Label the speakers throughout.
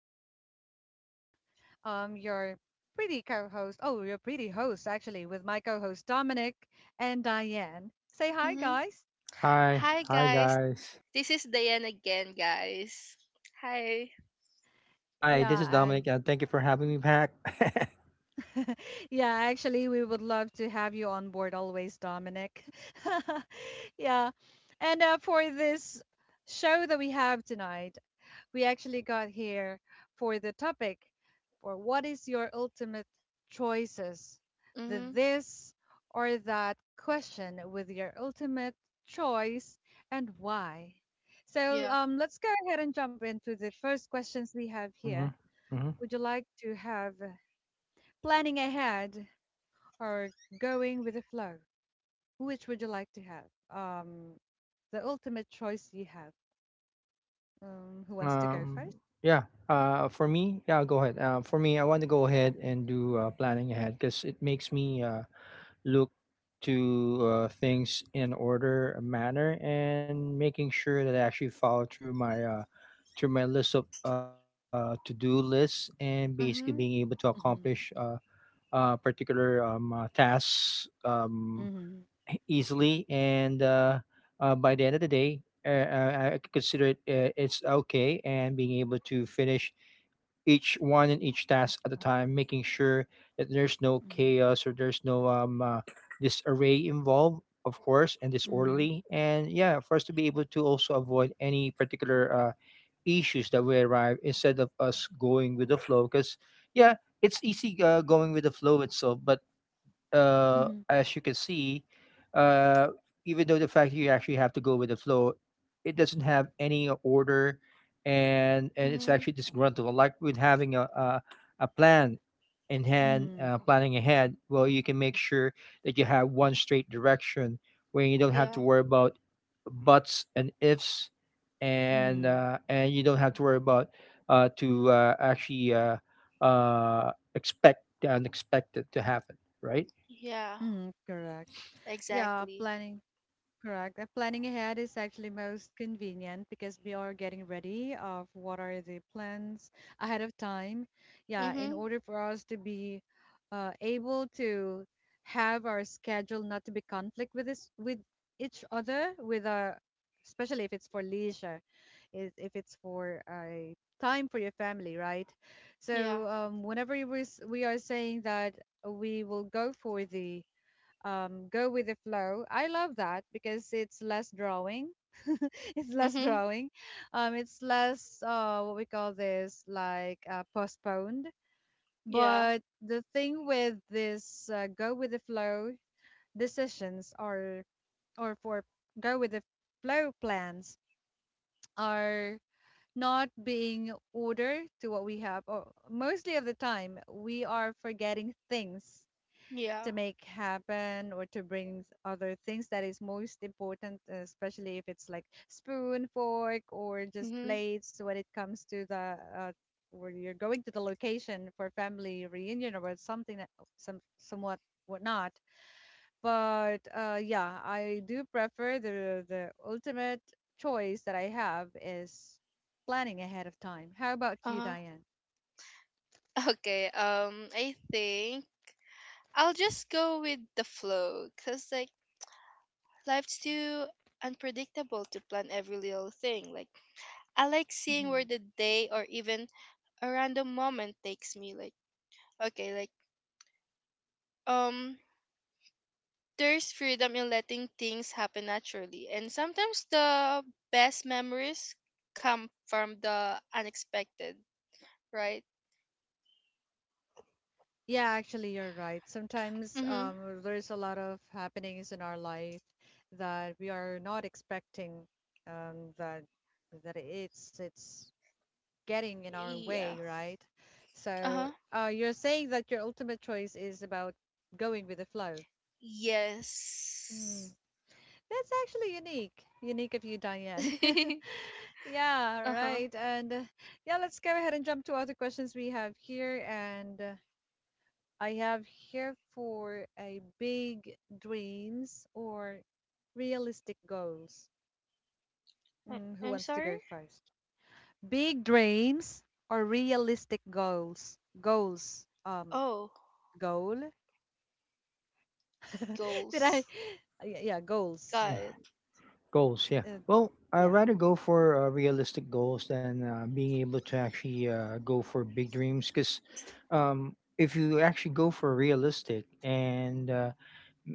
Speaker 1: And this is Anna, your pretty co host. Oh, your pretty host, actually, with my co host Dominic and Diane. Say hi,
Speaker 2: Mm-hmm.
Speaker 1: guys.
Speaker 3: Hi,
Speaker 2: Hi
Speaker 3: hi
Speaker 2: guys,
Speaker 3: guys.
Speaker 2: this is Diane again, guys. Hi.
Speaker 3: Hi, this
Speaker 1: Yeah.
Speaker 3: is Dominic,
Speaker 1: And
Speaker 3: and thank you for having me back.
Speaker 1: yeah, actually, we would love to have you on board always, Dominic. yeah. And For this show that we have tonight, we actually got here for the topic for what is your ultimate choices? The
Speaker 2: Mhm.
Speaker 1: this or that question with your ultimate choice and why. So
Speaker 2: Yeah.
Speaker 1: um, let's go ahead and jump into the first questions we have here.
Speaker 3: Hmm. Hmm.
Speaker 1: Would you like to have planning ahead? Or going with the flow? Which would you like to have? Um, the ultimate choice you have. Who wants to go
Speaker 3: Um,
Speaker 1: first?
Speaker 3: yeah. For me, yeah, go ahead. For me, I want to go ahead and do planning ahead because it makes me look to things in order a manner and making sure that I actually follow through my list of to do lists, and basically
Speaker 2: Mhm.
Speaker 3: being able to
Speaker 1: Mm-hmm.
Speaker 3: accomplish particular tasks
Speaker 1: Mm-hmm.
Speaker 3: easily, and by the end of the day, I consider it it's okay, and being able to finish each one and each task at a time, making sure that there's no
Speaker 1: Mm-hmm.
Speaker 3: chaos or there's no disarray involved, of course, and
Speaker 1: Mm-hmm.
Speaker 3: disorderly. And yeah, for us to be able to also avoid any particular issues that we arrive instead of us going with the flow. Because yeah, it's easy going with the flow itself, but
Speaker 1: Mm-hmm.
Speaker 3: as you can see, uh, even though the fact that you actually have to go with the flow, it doesn't have any order, and it's
Speaker 2: Mhm.
Speaker 3: actually disgruntled. Like with having a plan in hand,
Speaker 1: Mm-hmm.
Speaker 3: planning ahead. Well, you can make sure that you have one straight direction where you don't have to
Speaker 2: Yeah.
Speaker 3: worry about buts and ifs, and
Speaker 1: Mm-hmm.
Speaker 3: uh, and you don't have to worry about to actually expect the unexpected to happen, right?
Speaker 2: Yeah.
Speaker 1: Mm-hmm. Correct. Yeah,
Speaker 2: Exactly.
Speaker 1: planning Correct. Planning ahead is actually most convenient because we are getting ready of what are the plans ahead of time. Yeah, in
Speaker 2: Mhm.
Speaker 1: order for us to be able to have our schedule not to be conflict with each other, with our especially if it's for leisure, if it's for a time for your family, right?
Speaker 2: Yeah.
Speaker 1: So whenever we are saying that we will go for the go with the flow. I love that because it's less drawing. It's less
Speaker 2: Mhm.
Speaker 1: drawing. It's less what we call this like postponed.
Speaker 2: Yeah.
Speaker 1: But the thing with this go with the flow decisions are or for go with the flow plans are not being ordered to what we have. Or mostly of the time, we are forgetting things to
Speaker 2: Yeah.
Speaker 1: make happen or to bring other things that is most important, especially if it's like spoon, fork, or just
Speaker 2: Mhm.
Speaker 1: plates when it comes to the where you're going to the location for family reunion or something that somewhat whatnot. But yeah, I do prefer the ultimate choice that I have is planning ahead of time. How about
Speaker 2: Uh
Speaker 1: you,
Speaker 2: huh.
Speaker 1: Diane?
Speaker 2: Okay. I think I'll just go with the flow, cause like life's too unpredictable to plan every little thing. Like I like seeing
Speaker 1: Mm-hmm.
Speaker 2: where the day or even a random moment takes me. Like okay, like um there's freedom in letting things happen naturally. And sometimes the best memories come from the unexpected, right?
Speaker 1: Yeah, actually, you're right. Sometimes
Speaker 2: Mm-hmm.
Speaker 1: there's a lot of happenings in our life that we are not expecting that it's getting in our
Speaker 2: Yeah.
Speaker 1: way, right? So
Speaker 2: Uh-huh.
Speaker 1: you're saying that your ultimate choice is about going with the flow. Mm.
Speaker 2: Yes.
Speaker 1: That's actually unique, unique of you, Diane. Yeah,
Speaker 2: uh-huh.
Speaker 1: right. And yeah, let's go ahead and jump to other questions we have here. And I have here for a big dreams or realistic goals. Mm, who
Speaker 2: I'm
Speaker 1: wants to
Speaker 2: sorry?
Speaker 1: go first? Big dreams or realistic goals? Goals.
Speaker 2: Oh,
Speaker 1: Goal. Did I?
Speaker 2: goals.
Speaker 1: Yeah, yeah, goals.
Speaker 2: Got
Speaker 3: Yeah,
Speaker 2: it.
Speaker 3: goals. Yeah.
Speaker 1: Uh,
Speaker 3: Well, I
Speaker 1: yeah.
Speaker 3: rather go for realistic goals than being able to actually go for big dreams. Because if you actually go for realistic and uh,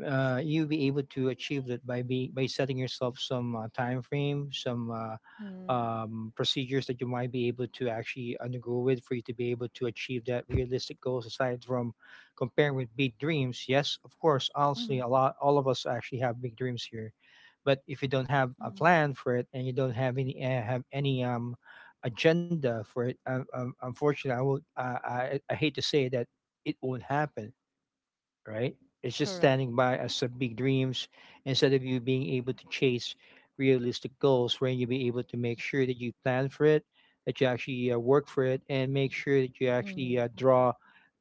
Speaker 3: uh, you'll be able to achieve that by setting yourself some time frame, some
Speaker 1: Mm,
Speaker 3: procedures that you might be able to actually undergo with, for you to be able to achieve that realistic goals. Aside from comparing with big dreams, yes, of course, honestly,
Speaker 1: mm,
Speaker 3: a lot, all of us actually have big dreams here, but if you don't have a
Speaker 1: mm,
Speaker 3: plan for it, and you don't have any agenda for it, unfortunately, I will I hate to say that it won't happen, right? It's just
Speaker 1: correct.
Speaker 3: standing by as some big dreams instead of you being able to chase realistic goals, where you be able to make sure that you plan for it, that you actually work for it, and make sure that you actually
Speaker 1: Mm,
Speaker 3: uh, draw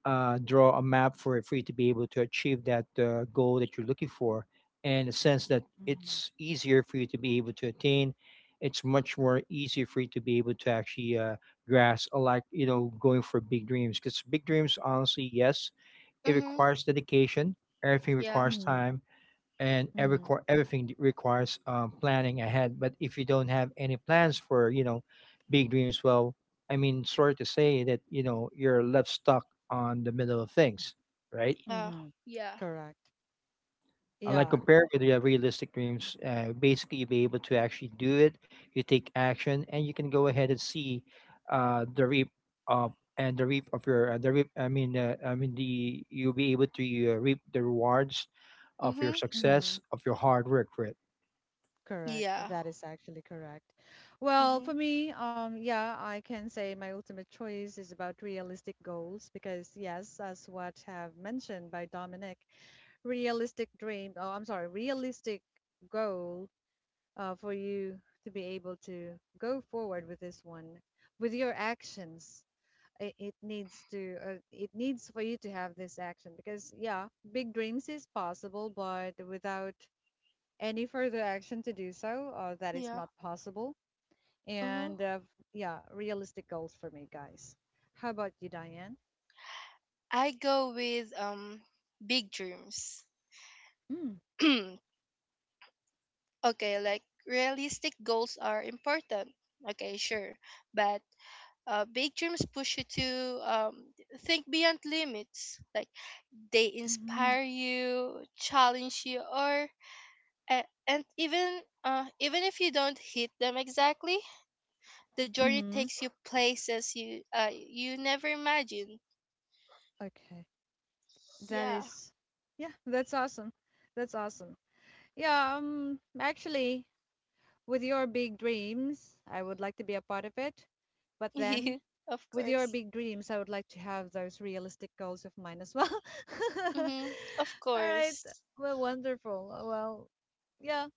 Speaker 3: uh, draw a map for it for you to be able to achieve that goal that you're looking for, and a sense that
Speaker 1: mm,
Speaker 3: it's easier for you to be able to attain. It's much more easier for you to be able to actually grasp, like you know, going for big dreams. Because big dreams, honestly, yes, it
Speaker 2: Mm-hmm.
Speaker 3: requires dedication. Everything
Speaker 2: Yeah.
Speaker 3: requires
Speaker 1: mm,
Speaker 3: time, and every
Speaker 1: mm,
Speaker 3: requ- everything d- requires planning ahead. But if you don't have any plans for big dreams, well, I mean, sorry to say that you're left stuck on the middle of things, right?
Speaker 2: Yeah.
Speaker 1: mm,
Speaker 2: Yeah.
Speaker 1: correct.
Speaker 3: And like
Speaker 1: Yeah.
Speaker 3: compared with your realistic dreams, basically you'll be able to actually do it. You take action, and you can go ahead and see the reap of and the reap of your the reap. I mean the you'll be able to reap the rewards of your
Speaker 2: Mm-hmm.
Speaker 3: success,
Speaker 1: Mm-hmm.
Speaker 3: of your hard work for it.
Speaker 1: Correct.
Speaker 2: Yeah.
Speaker 1: That is actually correct. Well,
Speaker 2: Mm-hmm.
Speaker 1: for me, yeah, I can say my ultimate choice is about realistic goals because, yes, as what have mentioned by Dominic, realistic dream. Oh, I'm sorry, realistic goal for you to be able to go forward with this one, with your actions. It needs to. It needs for you to have this action because, yeah, big dreams is possible, but without any further action to do so. That is
Speaker 2: Yeah.
Speaker 1: not possible.
Speaker 2: Mm-hmm.
Speaker 1: And yeah, realistic goals for me, guys. How about you, Diane?
Speaker 2: I go with big dreams.
Speaker 1: Mm,
Speaker 2: Okay, like realistic goals are important. Okay, sure. But big dreams push you to um, think beyond limits. Like they
Speaker 1: mm-hmm,
Speaker 2: inspire you, challenge you, or and even if you don't hit them exactly, the journey
Speaker 1: mm-hmm.
Speaker 2: takes you places you never imagined.
Speaker 1: Okay. That
Speaker 2: Yeah,
Speaker 1: is, yeah, that's awesome. That's awesome. Yeah, actually, with your big dreams, I would like to be a part of it. But then,
Speaker 2: of
Speaker 1: with your
Speaker 2: course.
Speaker 1: big dreams, I would like to have those realistic goals of mine as well. All
Speaker 2: Mm-hmm. Of
Speaker 1: right.
Speaker 2: course.
Speaker 1: Well, wonderful. Well, yeah,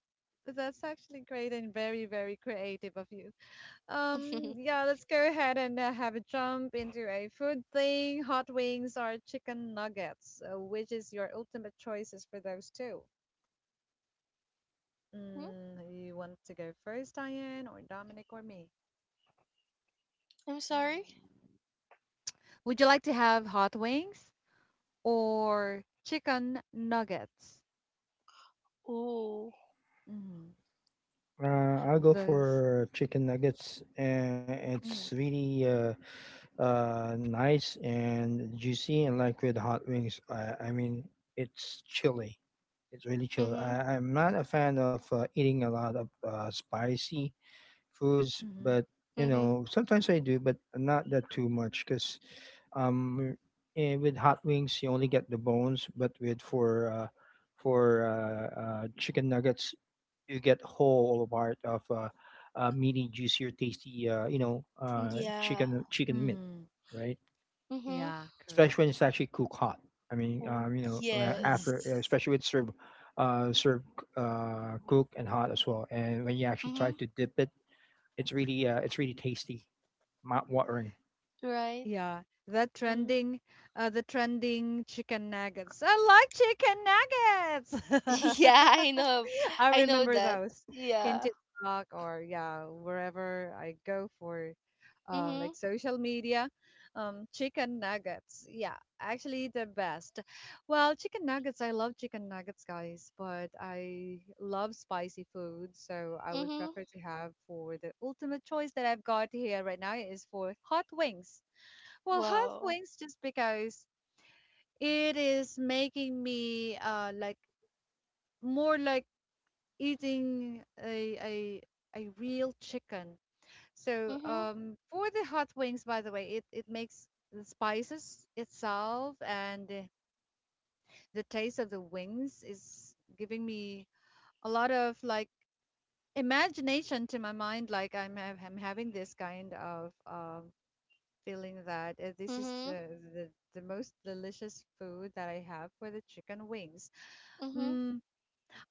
Speaker 1: that's actually great and very, very creative of you. Yeah, let's go ahead and have a jump into a food thing. Hot wings or chicken nuggets, which is your ultimate choices for those two?
Speaker 2: Hmm?
Speaker 1: Mm, you want to go first, Diane, or Dominic, or me?
Speaker 2: I'm sorry.
Speaker 1: Mm. Would you like to have hot wings or chicken nuggets?
Speaker 2: Ooh.
Speaker 1: Mm,
Speaker 3: I'll go
Speaker 1: those.
Speaker 3: for chicken nuggets. It's
Speaker 1: Mm,
Speaker 3: really nice and juicy, and like with hot wings, I mean it's chilly, it's really chilly.
Speaker 2: Mm-hmm.
Speaker 3: I'm not a fan of eating a lot of spicy foods,
Speaker 1: mm-hmm,
Speaker 3: but you
Speaker 2: Mm-hmm.
Speaker 3: know, sometimes I do, but not that too much, because um with hot wings you only get the bones, but with for chicken nuggets, you get whole part of meaty, juicier, tasty, you know,
Speaker 2: Yeah.
Speaker 3: chicken meat,
Speaker 1: mm,
Speaker 3: right?
Speaker 2: Mhm.
Speaker 1: yeah,
Speaker 3: Especially when
Speaker 1: correct.
Speaker 3: it's actually cooked hot. I mean,
Speaker 2: Oh,
Speaker 3: you know, after
Speaker 2: yes.
Speaker 3: especially with served cooked and hot as well. And when you actually try
Speaker 2: Mhm.
Speaker 3: to dip it, it's really tasty, mouth watering.
Speaker 2: Right.
Speaker 1: Yeah,
Speaker 2: Mhm.
Speaker 1: the trending chicken nuggets. I like chicken nuggets.
Speaker 2: yeah, I know.
Speaker 1: I
Speaker 2: I know
Speaker 1: remember
Speaker 2: that.
Speaker 1: those in
Speaker 2: Yeah.
Speaker 1: TikTok or yeah, wherever I go for,
Speaker 2: Mhm.
Speaker 1: like social media, chicken nuggets. Yeah, actually the best. Well, chicken nuggets. I love chicken nuggets, guys, but I love spicy food, so I would
Speaker 2: Mhm.
Speaker 1: prefer to have for the ultimate choice that I've got here right now is for hot wings. Well, hot
Speaker 2: Wow.
Speaker 1: wings just because it is making me like more like eating a real chicken. So
Speaker 2: Mhm.
Speaker 1: um for the hot wings, by the way, it makes the spices itself and the taste of the wings is giving me a lot of like imagination to my mind. Like I'm having this kind of feeling that this is
Speaker 2: Mhm.
Speaker 1: the the most delicious food that I have for the chicken wings.
Speaker 2: Mhm.
Speaker 1: Mm,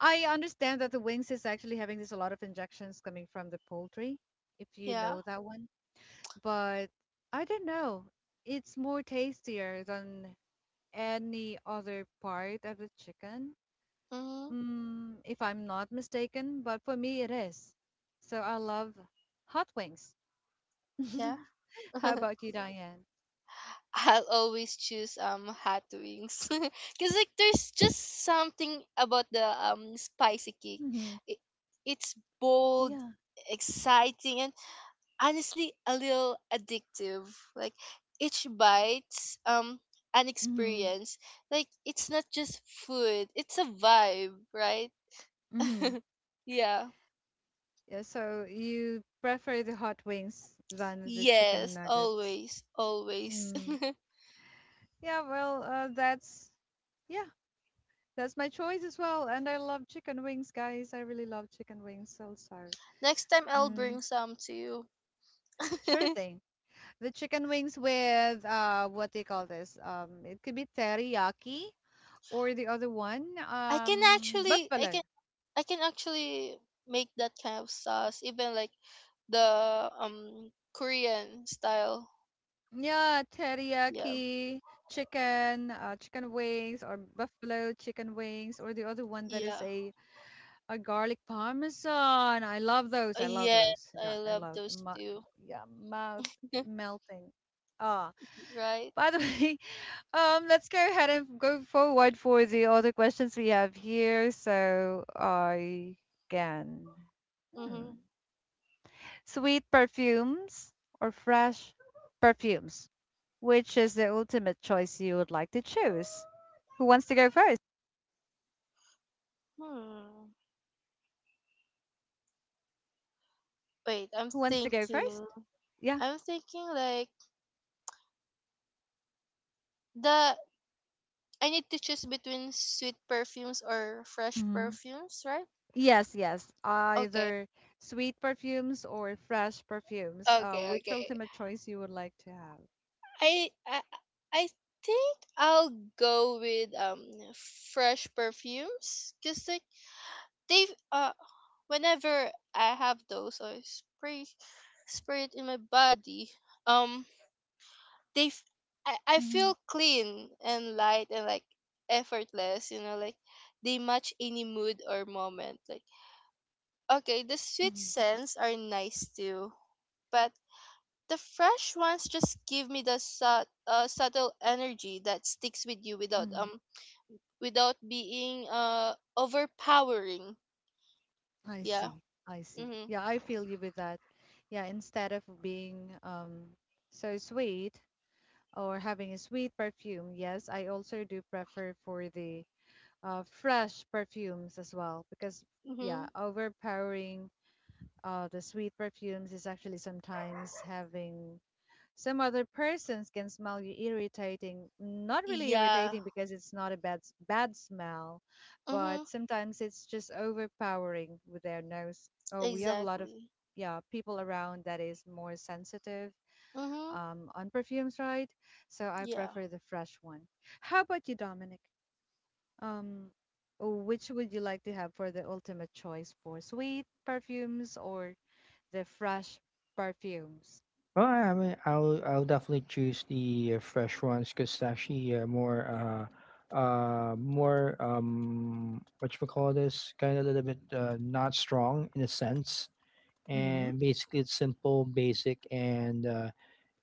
Speaker 1: I understand that the wings is actually having this a lot of injections coming from the poultry, if you
Speaker 2: Yeah.
Speaker 1: know that one. But I don't know. It's more tastier than any other part of the chicken,
Speaker 2: Mhm.
Speaker 1: mm, if I'm not mistaken. But for me, it is. So I love hot wings.
Speaker 2: Yeah.
Speaker 1: How about you, Diane?
Speaker 2: I'll always choose hot wings because like there's just something about the spicy cake.
Speaker 1: Hmm.
Speaker 2: It, it's bold,
Speaker 1: Yeah.
Speaker 2: exciting, and honestly a little addictive. Like each bite's an
Speaker 1: Mhm.
Speaker 2: experience. Like it's not just food, it's a vibe, right?
Speaker 1: Mm-hmm.
Speaker 2: yeah.
Speaker 1: Yeah, so you prefer the hot wings than the chicken
Speaker 2: Yes,
Speaker 1: nuggets.
Speaker 2: always, always.
Speaker 1: Mm. Yeah, well, that's yeah, that's my choice as well. And I love chicken wings, guys. I really love chicken wings also.
Speaker 2: Next time I'll
Speaker 1: Mm.
Speaker 2: bring some to you.
Speaker 1: Sure thing. The chicken wings with what do you call this? It could be teriyaki or the other one,
Speaker 2: I can actually I
Speaker 1: buffalo.
Speaker 2: can I can actually make that kind of sauce even like the Korean style.
Speaker 1: Yeah,
Speaker 2: Yeah.
Speaker 1: teriyaki, chicken, chicken wings, or buffalo chicken wings, or the other one that is
Speaker 2: Yeah.
Speaker 1: a garlic parmesan. I love those. I love
Speaker 2: Yes,
Speaker 1: those. Yeah,
Speaker 2: I
Speaker 1: I
Speaker 2: love
Speaker 1: love
Speaker 2: those
Speaker 1: my
Speaker 2: too.
Speaker 1: yeah, mouth melting. Ah,
Speaker 2: right?
Speaker 1: by the way, let's go ahead and go forward for the other questions we have here. So I can. Hmm.
Speaker 2: Mhm.
Speaker 1: Sweet perfumes or fresh perfumes? Which is the ultimate choice you would like to choose? Who wants to go first?
Speaker 2: Hmm. Wait, I'm
Speaker 1: Who wants to go first?
Speaker 2: thinking.
Speaker 1: Yeah.
Speaker 2: I'm thinking like the I need to choose between sweet perfumes or fresh
Speaker 1: Hmm.
Speaker 2: perfumes, right?
Speaker 1: Yes, yes.
Speaker 2: Okay.
Speaker 1: Either sweet perfumes or fresh perfumes.
Speaker 2: Okay,
Speaker 1: Which
Speaker 2: okay.
Speaker 1: ultimate choice you would like to have?
Speaker 2: I I I think I'll go with fresh perfumes cuz like they whenever I have those or spray it in my body, um they f- I
Speaker 1: Hmm.
Speaker 2: feel clean and light and like effortless, you know, like they match any mood or moment. Like okay, the sweet
Speaker 1: Hmm.
Speaker 2: scents are nice too, but the fresh ones just give me the subtle energy that sticks with you without
Speaker 1: Hmm.
Speaker 2: um without being overpowering.
Speaker 1: I
Speaker 2: Yeah.
Speaker 1: see. I see.
Speaker 2: Mhm.
Speaker 1: Yeah, I feel you with that. Yeah, instead of being so sweet. Or having a sweet perfume, yes, I also do prefer for the fresh perfumes as well because yeah,
Speaker 2: Mhm.
Speaker 1: overpowering the sweet perfumes is actually sometimes having some other persons can smell you irritating. Not really
Speaker 2: Yeah.
Speaker 1: irritating because it's not a bad smell,
Speaker 2: Mhm.
Speaker 1: but sometimes it's just overpowering with their nose. Oh, we have a lot of
Speaker 2: Exactly.
Speaker 1: yeah people around that is more sensitive
Speaker 2: Mhm.
Speaker 1: on perfumes, right? So I
Speaker 2: Yeah.
Speaker 1: prefer the fresh one. How about you, Dominic? Um, which would you like to have for the ultimate choice for sweet perfumes or the fresh perfumes?
Speaker 3: Well, I mean, I'll definitely choose the fresh ones, because actually more more what you call this, kind of a little bit not strong in a sense,
Speaker 1: Mm-hmm.
Speaker 3: and basically it's simple, basic, and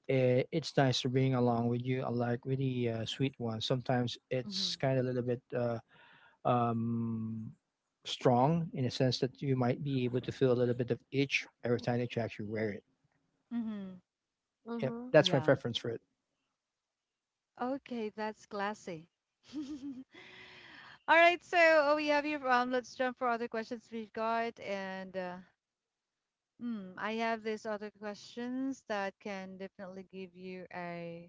Speaker 3: it, it's nice to bring along with you. Unlike with the sweet ones, sometimes
Speaker 1: Mm-hmm.
Speaker 3: it's kind of a little bit um strong in a sense that you might be able to feel a little bit of itch every time that you actually wear it.
Speaker 1: Mm-hmm.
Speaker 3: Yeah,
Speaker 2: Mhm.
Speaker 3: that's my
Speaker 1: Yeah.
Speaker 3: preference for it.
Speaker 1: Okay, that's classy. All right, so we have here. Let's jump for other questions we've got, and mm, I have these other questions that can definitely give you a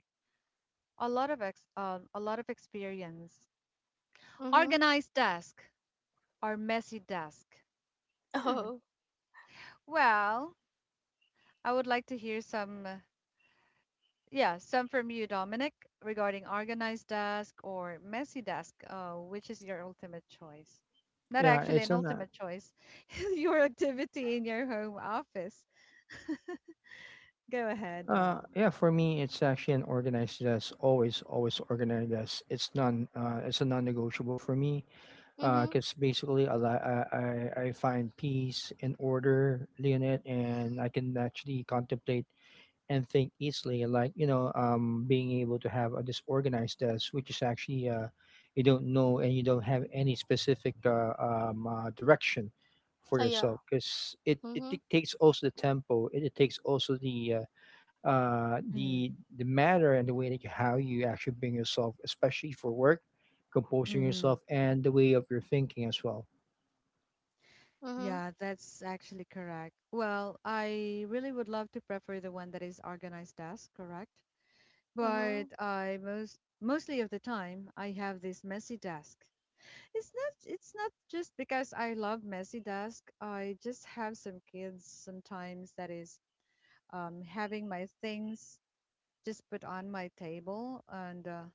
Speaker 1: a lot of experience.
Speaker 2: Mhm.
Speaker 1: Organized desk or messy desk? Hmm.
Speaker 2: Oh.
Speaker 1: Well, I would like to hear some, yeah, some from you, Dominic, regarding organized desk or messy desk. Which is your ultimate choice? Not
Speaker 3: Yeah,
Speaker 1: actually
Speaker 3: it's
Speaker 1: an
Speaker 3: an uh,
Speaker 1: ultimate choice. Your activity in your home office. Go
Speaker 3: yeah,
Speaker 1: ahead, Dom.
Speaker 3: yeah. For me, it's actually an organized desk. Always, always organized desk. It's a non-negotiable for me.
Speaker 2: Mhm.
Speaker 3: Because basically, I, li- I find peace and order in it, and I can actually contemplate and think easily, like you know, being able to have a disorganized desk, which is actually you don't know and you don't have any specific direction for
Speaker 2: Oh, yeah.
Speaker 3: yourself, because it
Speaker 2: Mhm,
Speaker 3: dictates also the tempo. It takes also the the matter and the way that you, how you actually bring yourself, especially for work, composing
Speaker 1: Mm-hmm.
Speaker 3: yourself and the way of your thinking as well.
Speaker 2: mhm,
Speaker 1: Yeah, that's actually correct. Well, I really would love to prefer the one that is organized desk, correct? But
Speaker 2: mhm,
Speaker 1: I most mostly of the time I have this messy desk. It's not just because I love messy desk. I just have some kids sometimes that is having my things just put on my table and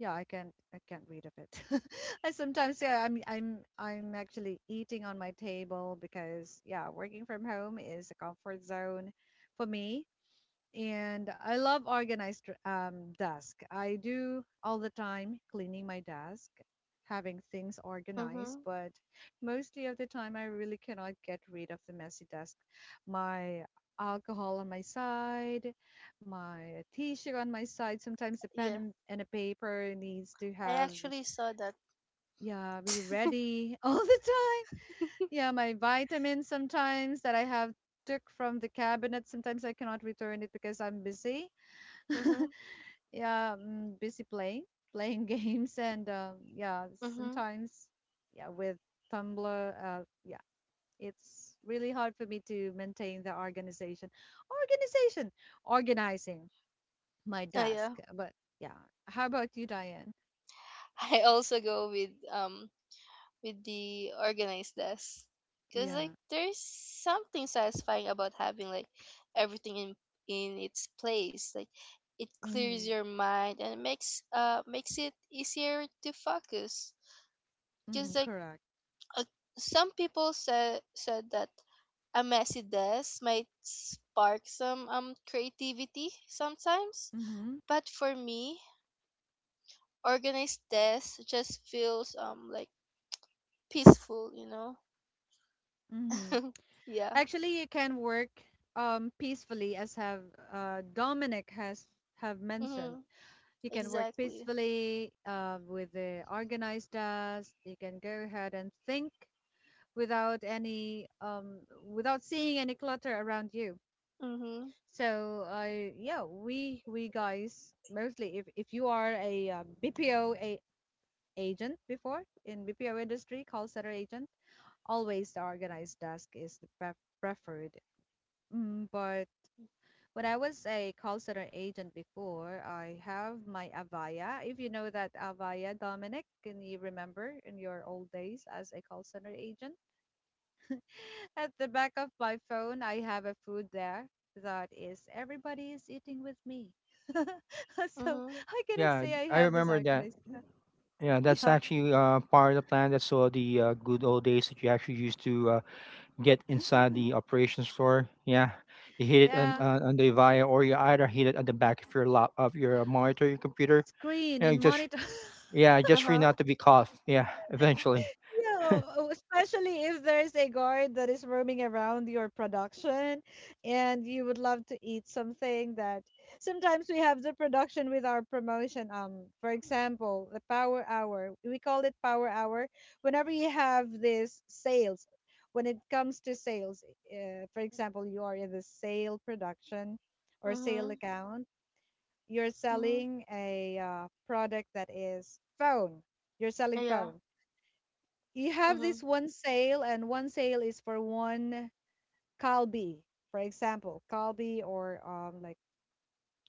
Speaker 1: yeah, I can't read of it. I sometimes yeah, I'm actually eating on my table because yeah, working from home is a comfort zone for me and I love organized desk. I do all the time cleaning my desk, having things organized,
Speaker 2: mhm.
Speaker 1: but mostly of the time I really cannot get rid of the messy desk. My alcohol on my side, my T-shirt on my side. Sometimes a pen
Speaker 2: Yeah,
Speaker 1: and a paper needs to
Speaker 2: I
Speaker 1: have
Speaker 2: actually saw that.
Speaker 1: yeah be ready all the time. Yeah, my vitamins sometimes that I have took from the cabinet sometimes I cannot return it because I'm busy
Speaker 2: Mhm,
Speaker 1: yeah, mm, busy playing playing games and yeah
Speaker 2: mhm.
Speaker 1: sometimes yeah with tumblr yeah it's really hard for me to maintain the organization organization organizing my
Speaker 2: Oh
Speaker 1: desk
Speaker 2: yeah.
Speaker 1: but yeah how about you Diane?
Speaker 2: I also go with the organized desk, cause like
Speaker 1: Yeah,
Speaker 2: there's something satisfying about having like everything in its place. Like it clears
Speaker 1: mm-hmm,
Speaker 2: your mind and it makes it easier to focus.
Speaker 1: mm-hmm,
Speaker 2: Cause like
Speaker 1: correct,
Speaker 2: Uh, some people said that a messy desk might spark some creativity sometimes,
Speaker 1: mm-hmm,
Speaker 2: but for me, organized desk just feels like peaceful, you know.
Speaker 1: mm-hmm.
Speaker 2: yeah.
Speaker 1: Actually you can work peacefully as have Dominic has have mentioned.
Speaker 2: Mhm.
Speaker 1: You can work
Speaker 2: Exactly.
Speaker 1: peacefully with the organized tasks. You can go ahead and think without any without seeing any clutter around you.
Speaker 2: Mhm.
Speaker 1: So yeah, we guys mostly if you are a BPO agent before in BPO industry call center agent, always the organized task is the preferred. But when I was a call center agent before, I have my Avaya. If you know that Avaya, Dominic, can you remember in your old days as a call center agent? At the back of my phone, I have a food there that is everybody is eating with me. So
Speaker 2: Mhm.
Speaker 1: I cannot
Speaker 3: Yeah,
Speaker 1: say I
Speaker 3: I
Speaker 1: have this
Speaker 3: remember that.
Speaker 1: organized.
Speaker 3: Yeah, that's
Speaker 1: Yeah.
Speaker 3: actually part of the plan. That's all the good old days that you actually used to get inside the operations floor. Yeah, you hit it on,
Speaker 1: Yeah.
Speaker 2: Mhm.
Speaker 3: on the via, or you either hit it at the back of your lap, of your monitor, your computer.
Speaker 1: Screen
Speaker 3: Yeah,
Speaker 1: in
Speaker 3: just
Speaker 1: monitor.
Speaker 3: yeah,
Speaker 2: Uh
Speaker 3: just for you
Speaker 2: huh.
Speaker 3: not to be caught. Yeah, eventually.
Speaker 1: Yeah, oh, especially if there's a guard that is roaming around your production and you would love to eat something that sometimes we have the production with our promotion. For example, the power hour. We call it power hour whenever you have this sales. When it comes to sales, for example, you are in the sale production or sale
Speaker 2: Mhm.
Speaker 1: account, you're
Speaker 2: Mhm.
Speaker 1: selling a product that is phone. You're selling
Speaker 2: Yeah.
Speaker 1: phone, you have this
Speaker 2: Mhm.
Speaker 1: one sale, and one sale is for one kalbi. For example, kalbi or like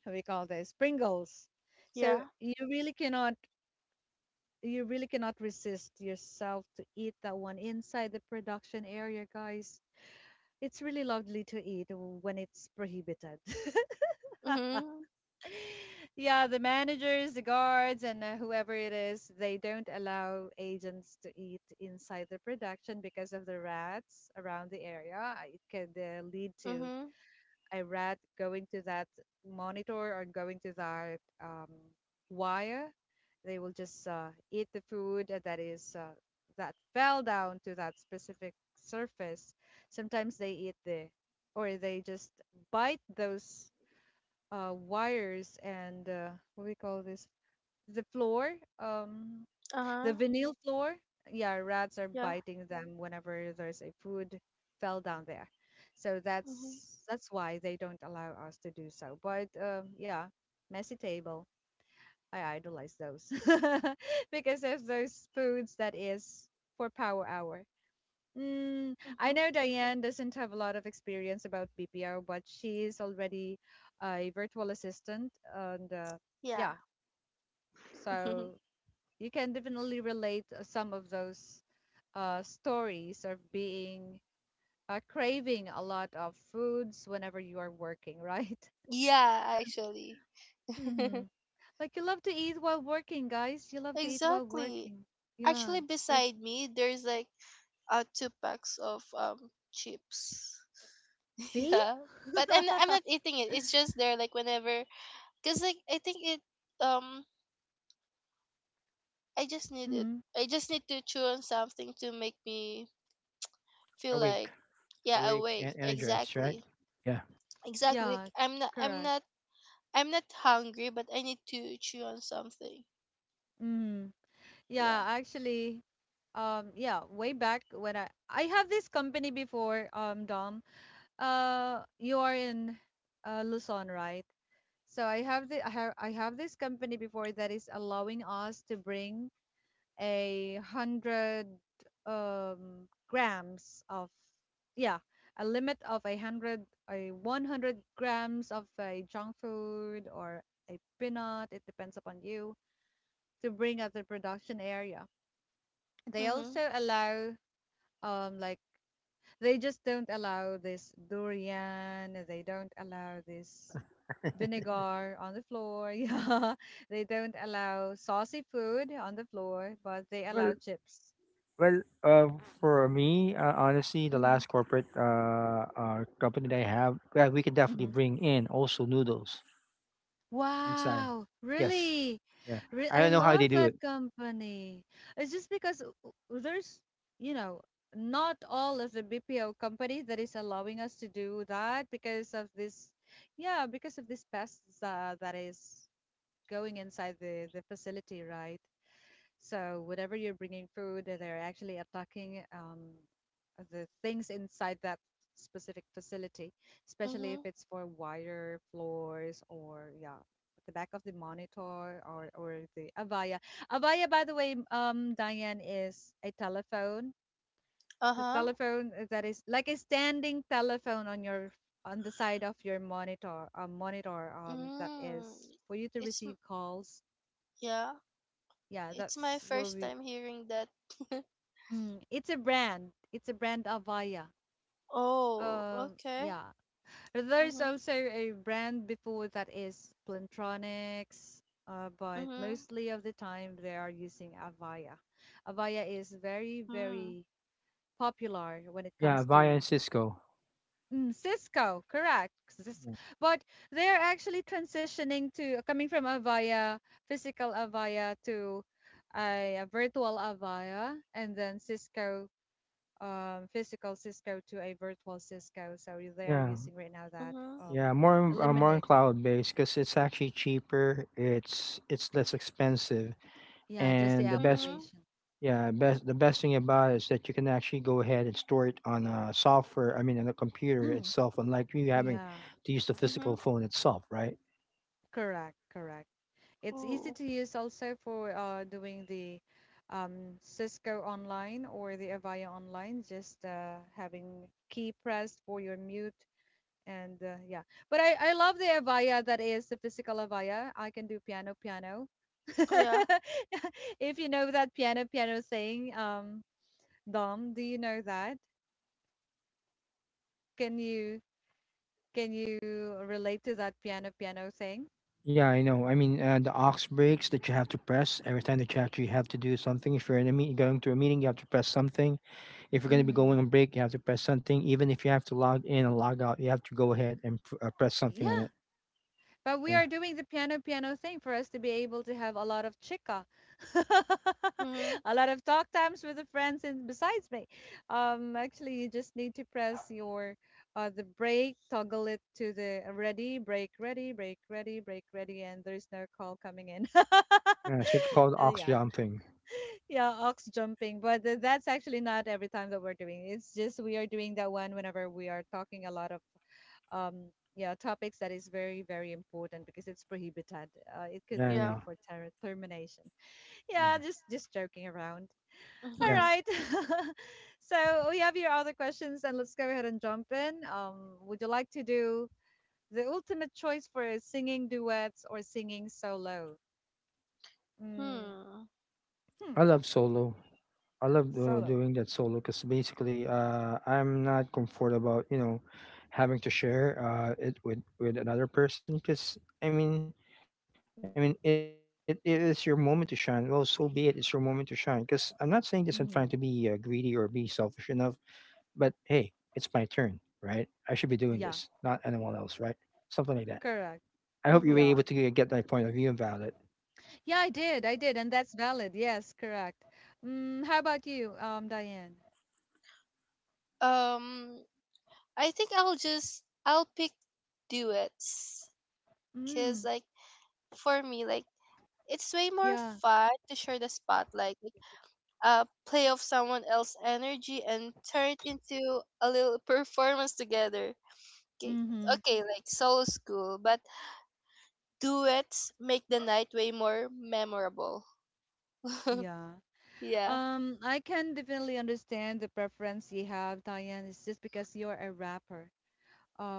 Speaker 1: how we call this pringles. So
Speaker 2: Yeah.
Speaker 1: you really cannot, you really cannot resist yourself to eat that one inside the production area, guys. It's really lovely to eat when it's prohibited.
Speaker 2: Mhm.
Speaker 1: Yeah, the managers, the guards, and whoever it is, they don't allow agents to eat inside the production because of the rats around the area. It could lead to
Speaker 2: Mhm.
Speaker 1: a rat going to that monitor or going to that wire. They will just eat the food that is that fell down to that specific surface. Sometimes they eat the, or they just bite those wires and what we call this, the floor, um
Speaker 2: Uh
Speaker 1: the
Speaker 2: huh.
Speaker 1: vinyl floor. Yeah, rats are
Speaker 2: Yeah.
Speaker 1: biting them whenever there's a food fell down there. So
Speaker 2: Mhm.
Speaker 1: that's why they don't allow us to do so, but yeah, messy table, I idolize those because of those foods that is for power hour. I
Speaker 2: Mhm.
Speaker 1: know Diane doesn't have a lot of experience about BPR, but she is already a virtual assistant, and
Speaker 2: Yeah.
Speaker 1: yeah, so you can definitely relate some of those stories of being craving a lot of foods whenever you are working, right?
Speaker 2: yeah. Actually.
Speaker 1: Hmm. Like, you love to eat while working, guys. You love to eat while
Speaker 2: Exactly.
Speaker 1: working. Yeah,
Speaker 2: Actually, beside
Speaker 1: especially.
Speaker 2: me, there's like two packs of chips.
Speaker 1: See?
Speaker 2: yeah, but I'm I'm not eating it. It's just there, like whenever, cause like I think it, um I just need it.
Speaker 1: Hmm.
Speaker 2: I just need to chew on something to make me feel like
Speaker 3: Awake,
Speaker 2: yeah,
Speaker 3: awake,
Speaker 2: awake.
Speaker 3: and energized. Right.
Speaker 2: Exactly,
Speaker 3: Yeah.
Speaker 2: exactly. Like
Speaker 1: Yeah,
Speaker 2: I'm not I'm
Speaker 1: correct.
Speaker 2: not I'm not hungry, but I need to chew on something.
Speaker 1: Mhm.
Speaker 2: Yeah.
Speaker 1: Yeah, actually, yeah, way back when I have this company before, Dom. You are in Luzon, right? So I have the I have this company before that is allowing us to bring 100 grams of, yeah, a limit of 100, a 100 grams of a junk food or a peanut. It depends upon you to bring at the production area. They
Speaker 2: Mhm.
Speaker 1: also allow like, they just don't allow this durian, they don't allow this vinegar on the floor. Yeah. They don't allow saucy food on the floor, but they
Speaker 3: Well,
Speaker 1: allow chips.
Speaker 3: Well, for me, honestly, the last corporate company that I have, yeah, we can definitely
Speaker 1: Hmm.
Speaker 3: bring in also noodles inside.
Speaker 1: Wow,
Speaker 3: Yes,
Speaker 1: really?
Speaker 3: yeah,
Speaker 1: Re
Speaker 3: I
Speaker 1: I
Speaker 3: don't know how they
Speaker 1: love
Speaker 3: do
Speaker 1: that
Speaker 3: it.
Speaker 1: company. It's just because there's, you know, not all of the BPO company that is allowing us to do that because of this, yeah, because of this pests that is going inside the facility, right? So whatever you're bringing food, they're actually attacking the things inside that specific facility, especially if
Speaker 2: Mhm.
Speaker 1: it's for wire floors or, yeah, the back of the monitor or the Avaya. Avaya, by the way, Diane, is a telephone.
Speaker 2: Uh
Speaker 1: The
Speaker 2: huh.
Speaker 1: telephone that is like a standing telephone on your, on the side of your monitor, that
Speaker 2: Mm.
Speaker 1: is for you to
Speaker 2: It's m-
Speaker 1: receive calls.
Speaker 2: yeah.
Speaker 1: Yeah,
Speaker 2: It's my
Speaker 1: that's where
Speaker 2: first
Speaker 1: we
Speaker 2: time hearing that.
Speaker 1: It's a brand. It's a brand, Avaya.
Speaker 2: Oh, okay.
Speaker 1: Yeah. There's
Speaker 2: Mhm.
Speaker 1: also a brand before that is Plantronics, but
Speaker 2: Mhm.
Speaker 1: mostly of the time they are using Avaya. Avaya is very,
Speaker 2: Mm.
Speaker 1: very popular when it
Speaker 3: Yeah,
Speaker 1: comes
Speaker 3: via
Speaker 1: to,
Speaker 3: and Cisco.
Speaker 1: Cisco, correct.
Speaker 3: Yeah,
Speaker 1: But they are actually transitioning to coming from Avaya, physical Avaya to a virtual Avaya, and then Cisco, physical Cisco to a virtual Cisco. So they are
Speaker 3: yeah,
Speaker 1: using right now that,
Speaker 2: Mhm.
Speaker 3: yeah, more on more on
Speaker 1: eliminating.
Speaker 3: cloud based because it's actually cheaper. It's less expensive,
Speaker 1: Yeah, just the
Speaker 3: and the best
Speaker 2: Mhm.
Speaker 1: application.
Speaker 3: the best thing about it is that you can actually go ahead and store it on a software. I mean, on a computer
Speaker 1: Hmm.
Speaker 3: itself, unlike you having
Speaker 1: Yeah,
Speaker 3: to use the
Speaker 2: Mhm.
Speaker 3: physical phone itself, right?
Speaker 1: correct, correct. It's easy
Speaker 2: Ooh.
Speaker 1: to use also for doing the Cisco online or the Avaya online, just having key pressed for your mute and yeah, but I love the Avaya, that is the physical Avaya, I can do piano piano.
Speaker 2: Oh, yeah.
Speaker 1: If you know that piano piano thing, Dom, do you know that? can you can you relate to that piano piano thing?
Speaker 3: Yeah, I know. I mean, the aux breaks that you have to press every time that you actually have to do something. If you're in a meeting, going to a meeting, you have to press something. If you're going to be
Speaker 1: Mm-hmm.
Speaker 3: going on break, you have to press something. Even if you have to log in and log out, you have to go ahead and press something on
Speaker 1: Yeah.
Speaker 3: it.
Speaker 1: But we
Speaker 3: Yeah.
Speaker 1: are doing the piano piano thing for us to be able to have a lot of chica,
Speaker 2: Mhm.
Speaker 1: a lot of talk times with the friends and besides me. Actually, you just need to press your, the break, toggle it to the ready, break, ready, break, ready, break, ready, and there's no call coming in.
Speaker 3: Yeah. It's what you call the ox
Speaker 1: Yeah,
Speaker 3: jumping.
Speaker 1: yeah, ox jumping, but that's actually not every time that we're doing. It's just we are doing that one whenever we are talking a lot of um yeah topics that is very very important because it's prohibited. It could
Speaker 3: Yeah, I
Speaker 1: lead it
Speaker 3: know.
Speaker 2: Yeah.
Speaker 1: for termination.
Speaker 3: Mhm.
Speaker 1: Yeah, just joking around. All
Speaker 3: Yeah.
Speaker 2: Mhm.
Speaker 1: right. So we have your other questions, and let's go ahead and jump in. Would you like to do the ultimate choice for singing duets or singing solo? mm,
Speaker 2: Hmm.
Speaker 1: hmm
Speaker 3: I love solo. I love
Speaker 1: Solo.
Speaker 3: doing that solo because basically, I'm not comfortable about, you know, having to share it with another person. Because I mean, it is your moment to shine. Well, so be it. It's your moment to shine. Because I'm not saying this and trying to be greedy or
Speaker 1: Hmm.
Speaker 3: be selfish enough. But hey, it's my turn, right? I should be doing this, not
Speaker 1: Yeah,
Speaker 3: anyone else, right? Something like that.
Speaker 1: correct.
Speaker 3: I hope you were able
Speaker 2: Mhm.
Speaker 3: to
Speaker 1: Yeah,
Speaker 3: get my point of view about it.
Speaker 1: yeah, I did and that's valid, yes, correct. How about you, Diane?
Speaker 2: Um, I think I'll just I'll pick duets because
Speaker 1: Mm,
Speaker 2: like for me, like it's way more
Speaker 1: yeah.
Speaker 2: fun to share the spotlight, like, play off someone else's energy and turn it into a little performance together. Okay,
Speaker 1: Mm-hmm.
Speaker 2: okay, like soul school, but duets make the night way more memorable.
Speaker 1: Yeah.
Speaker 2: yeah.
Speaker 1: I can definitely understand the preference you have, Diane. It's just because you're a rapper.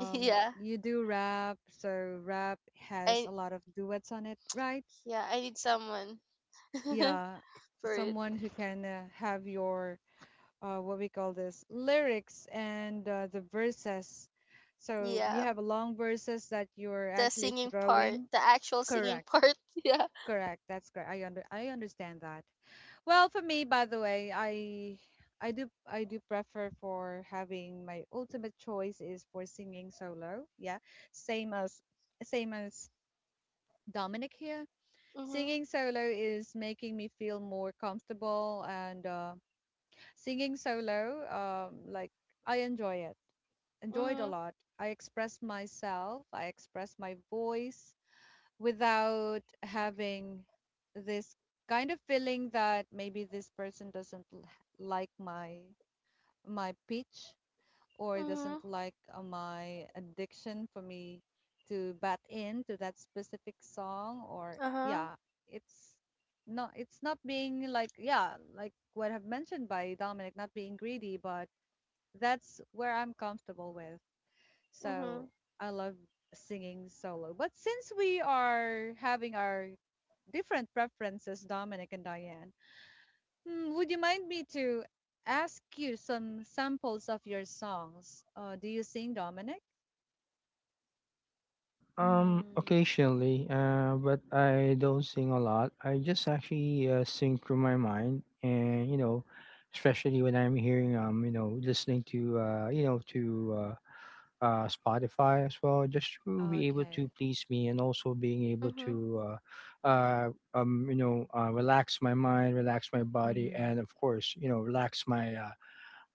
Speaker 2: yeah.
Speaker 1: You do rap, so rap has
Speaker 2: I
Speaker 1: a lot of duets on it, right?
Speaker 2: Yeah, I need someone
Speaker 1: Yeah.
Speaker 2: for it.
Speaker 1: Someone who can have your what we call this lyrics and the verses. So you
Speaker 2: Yeah,
Speaker 1: have a long verses that you're
Speaker 2: the
Speaker 1: actually
Speaker 2: singing part,
Speaker 1: throwing.
Speaker 2: the actual singing
Speaker 1: Correct.
Speaker 2: part. Yeah.
Speaker 1: Correct. That's correct. I understand that. Well, for me, by the way, I do prefer for having my ultimate choice is for singing solo. Yeah, same as same as Dominic here.
Speaker 2: Mhm.
Speaker 1: Singing solo is making me feel more comfortable, and singing solo, like, I enjoy it. Enjoyed a
Speaker 2: Mhm.
Speaker 1: lot. I express myself. I express my voice without having this kind of feeling that maybe this person doesn't like my pitch or doesn't
Speaker 2: Mhm.
Speaker 1: like my addiction for me to bat in to that specific song, or,
Speaker 2: Uh huh.
Speaker 1: yeah, it's not, it's not being like, yeah, like what I've mentioned by Dominic, not being greedy, but that's where I'm comfortable with. So
Speaker 2: Mhm.
Speaker 1: I love singing solo, but since we are having our different preferences, Dominic and Diane. Hmm, would you mind me to ask you some samples of your songs? Do you sing, Dominic? Mm,
Speaker 3: Occasionally, but I don't sing a lot. I just actually sing through my mind, and you know, especially when I'm hearing, you know, listening to, you know, to Spotify as well, just to be able to
Speaker 1: okay.
Speaker 3: please me, and also being able
Speaker 2: Mhm.
Speaker 3: to, you know, relax my mind, relax my body,
Speaker 1: Mm-hmm.
Speaker 3: and of course, you know, relax my uh,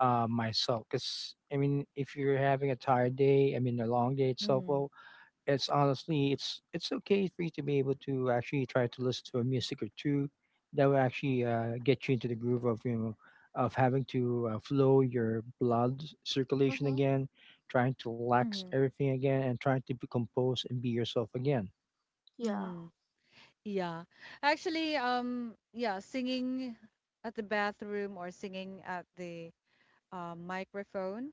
Speaker 3: uh, myself. Because I mean, if you're having a tired day, I mean, a long day itself,
Speaker 1: Mm-hmm.
Speaker 3: well, it's honestly it's okay for you to be able to actually try to listen to a music or two that will actually get you into the groove of, you know, of having to flow your blood circulation
Speaker 2: Mhm.
Speaker 3: again, trying to relax
Speaker 1: Mm-hmm.
Speaker 3: everything again, and trying to be composed and be yourself again.
Speaker 2: Yeah.
Speaker 1: Mm-hmm. Yeah. Actually, yeah, singing at the bathroom or singing at the microphone.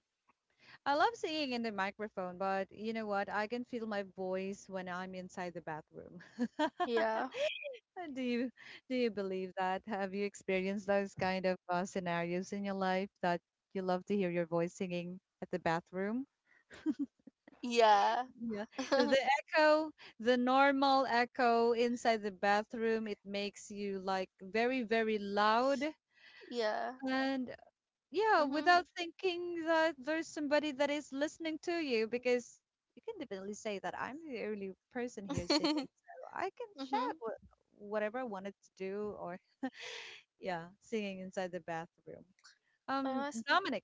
Speaker 1: I love singing in the microphone, but you know what? I can feel my voice when I'm inside the bathroom.
Speaker 2: Yeah.
Speaker 1: Uh, Do you do you believe that? Have you experienced those kind of scenarios in your life that you love to hear your voice singing at the bathroom?
Speaker 2: Yeah.
Speaker 1: Yeah. The echo, the normal echo inside the bathroom, it makes you like very, very loud
Speaker 2: yeah.
Speaker 1: and yeah, without
Speaker 2: Mhm.
Speaker 1: thinking that there's somebody that is listening to you, because you can definitely say that I'm the only person here singing, so I can
Speaker 2: mhm.
Speaker 1: shout whatever I wanted to do or, yeah, singing inside the bathroom.
Speaker 2: Uh,
Speaker 1: Dominic,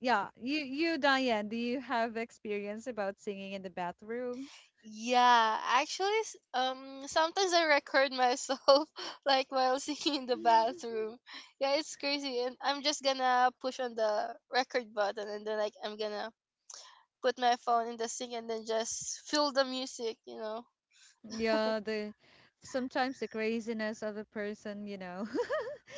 Speaker 1: yeah, you Diane, do you have experience about singing in the bathroom?
Speaker 2: Yeah, actually, sometimes I record myself like while singing in the bathroom. Yeah, it's crazy, and I'm just gonna push on the record button, and then like I'm gonna put my phone in the sink, and then just feel the music, you know?
Speaker 1: Yeah, the sometimes the craziness of a person, you know.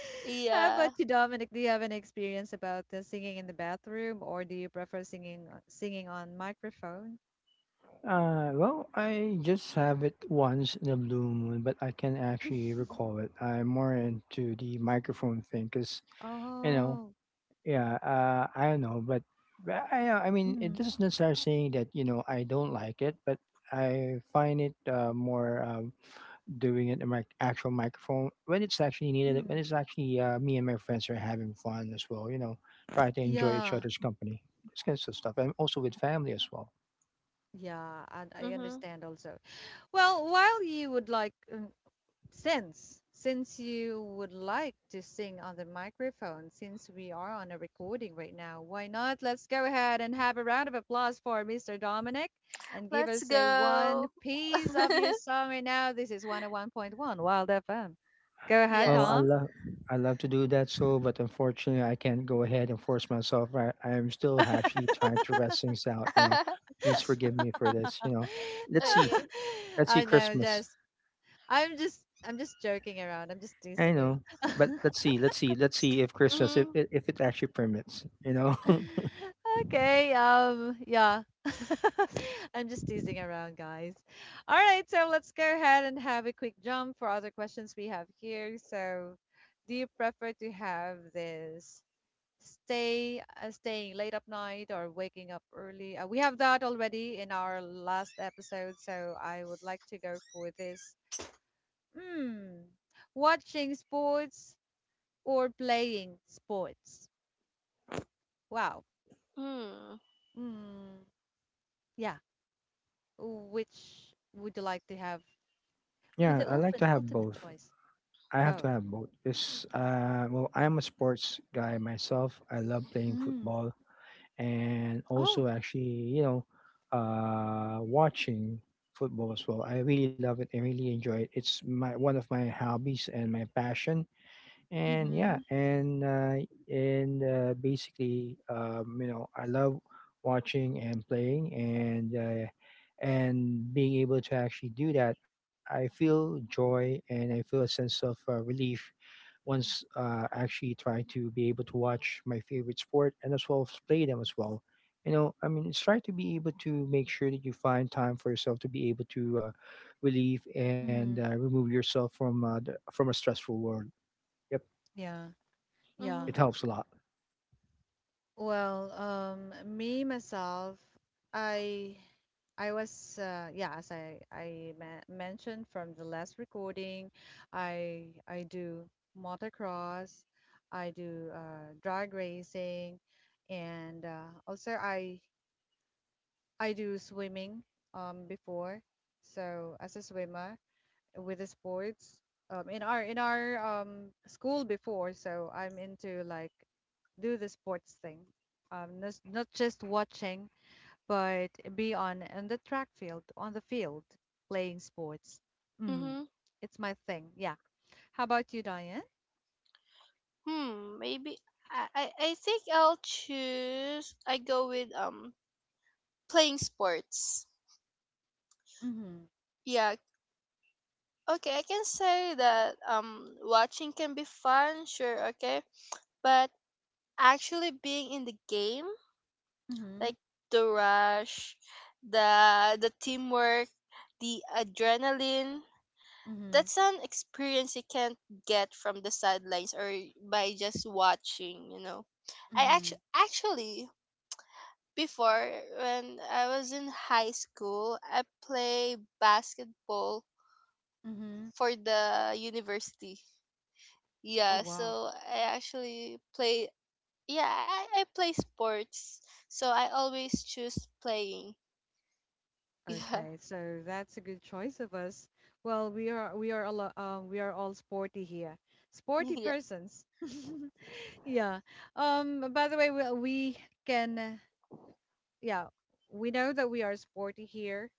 Speaker 1: How
Speaker 2: Yeah.
Speaker 1: about you, Dominic? Do you have any experience about singing in the bathroom, or do you prefer singing singing on microphone?
Speaker 3: Well, I just have it once in a blue moon, but I can actually recall it. I'm more into the microphone thing because you know
Speaker 1: Oh,
Speaker 3: Yeah, I don't know, but I mean it
Speaker 1: mm,
Speaker 3: doesn't necessarily saying that I don't like it, but I find it more, doing it in my actual microphone when it's actually needed, when
Speaker 1: mm.
Speaker 3: it's actually me and my friends are having fun as well. You know, try to enjoy each
Speaker 1: Yeah,
Speaker 3: other's company, this kind of stuff, and also with family as well.
Speaker 1: yeah, and I
Speaker 2: Mhm.
Speaker 1: understand also. Well, while you would like since you would like to sing on the microphone, since we are on a recording right now, why not? Let's go ahead and have a round of applause for Mr. Dominic and give
Speaker 2: Let's
Speaker 1: us a one
Speaker 2: go.
Speaker 1: piece of your song right now. This is 101.1 Wild FM. Go ahead,
Speaker 3: Well,
Speaker 2: yes.
Speaker 3: I
Speaker 1: Dom.
Speaker 3: love I love to do that, so but unfortunately, I can't go ahead and force myself. I am still actually trying to rest things out. You know, please forgive me for this. You know, let's see,
Speaker 2: okay.
Speaker 3: let's see
Speaker 1: I know,
Speaker 3: Christmas.
Speaker 1: just I'm just joking around. I'm just
Speaker 3: I
Speaker 1: teasing you.
Speaker 3: know, but let's see if Christmas if
Speaker 2: Mhm.
Speaker 3: if if it actually permits. You know,
Speaker 1: Okay, yeah. I'm just teasing around, guys. All right, so let's go ahead and have a quick jump for other questions we have here. So, do you prefer to have this staying late up night or waking up early? We have that already in our last episode, so I would like to go for this. Hmm, watching sports or playing sports? Wow.
Speaker 2: Mm.
Speaker 1: Hmm, yeah. Which would you like to have with
Speaker 3: yeah,
Speaker 1: the
Speaker 3: I like
Speaker 1: open
Speaker 3: to have
Speaker 1: ultimate
Speaker 3: both.
Speaker 1: choice?
Speaker 3: I have to
Speaker 1: Both.
Speaker 3: have both. It's well, I'm a sports guy myself. I love playing
Speaker 1: Mm.
Speaker 3: football and
Speaker 1: Oh,
Speaker 3: also actually, you know, watching football as well. I really love it. I really enjoy it. It's my one of my hobbies and my passion. And yeah,
Speaker 1: mm-hmm.
Speaker 3: and basically, you know, I love watching and playing and being able to actually do that. I feel joy and I feel a sense of relief once actually try to be able to watch my favorite sport and as well as play them as well. You know, I mean, it's try to be able to make sure that you find time for yourself to be able to relieve and
Speaker 1: Mm-hmm.
Speaker 3: remove yourself from from a stressful world. Yep,
Speaker 1: yeah, yeah.
Speaker 2: Mhm.
Speaker 3: it helps a lot.
Speaker 1: Well, me myself, I, I was, yeah, as I ma mentioned from the last recording, I do motocross, I do drag racing, and also I do swimming before. So as a swimmer with the sports in our school before, so I'm into like do the sports thing. Not just watching, but be on in the track field, on the field playing sports. Mhm.
Speaker 2: Mhm.
Speaker 1: It's my thing. Yeah. How about you, Diane?
Speaker 2: Hmm. Maybe I think I'll choose. I go with playing sports.
Speaker 1: Mhm.
Speaker 2: Yeah. Okay, I can say that watching can be fun, sure, okay. But actually being in the game, like
Speaker 1: Mhm.
Speaker 2: the rush, the teamwork, the adrenaline,
Speaker 1: Mhm.
Speaker 2: that's an experience you can't get from the sidelines or by just watching. I
Speaker 1: Mhm.
Speaker 2: actually before, when I was in high school, I play basketball
Speaker 1: Mhm.
Speaker 2: for the university.
Speaker 1: Oh
Speaker 2: Yeah,
Speaker 1: wow.
Speaker 2: so I actually play. Yeah, I play sports, so I always choose playing. Yeah,
Speaker 1: Okay, so that's a good choice of us. Well, we are all sporty here, sporty
Speaker 2: yeah.
Speaker 1: persons. yeah. By the way, we can. Yeah, we know that we are sporty here,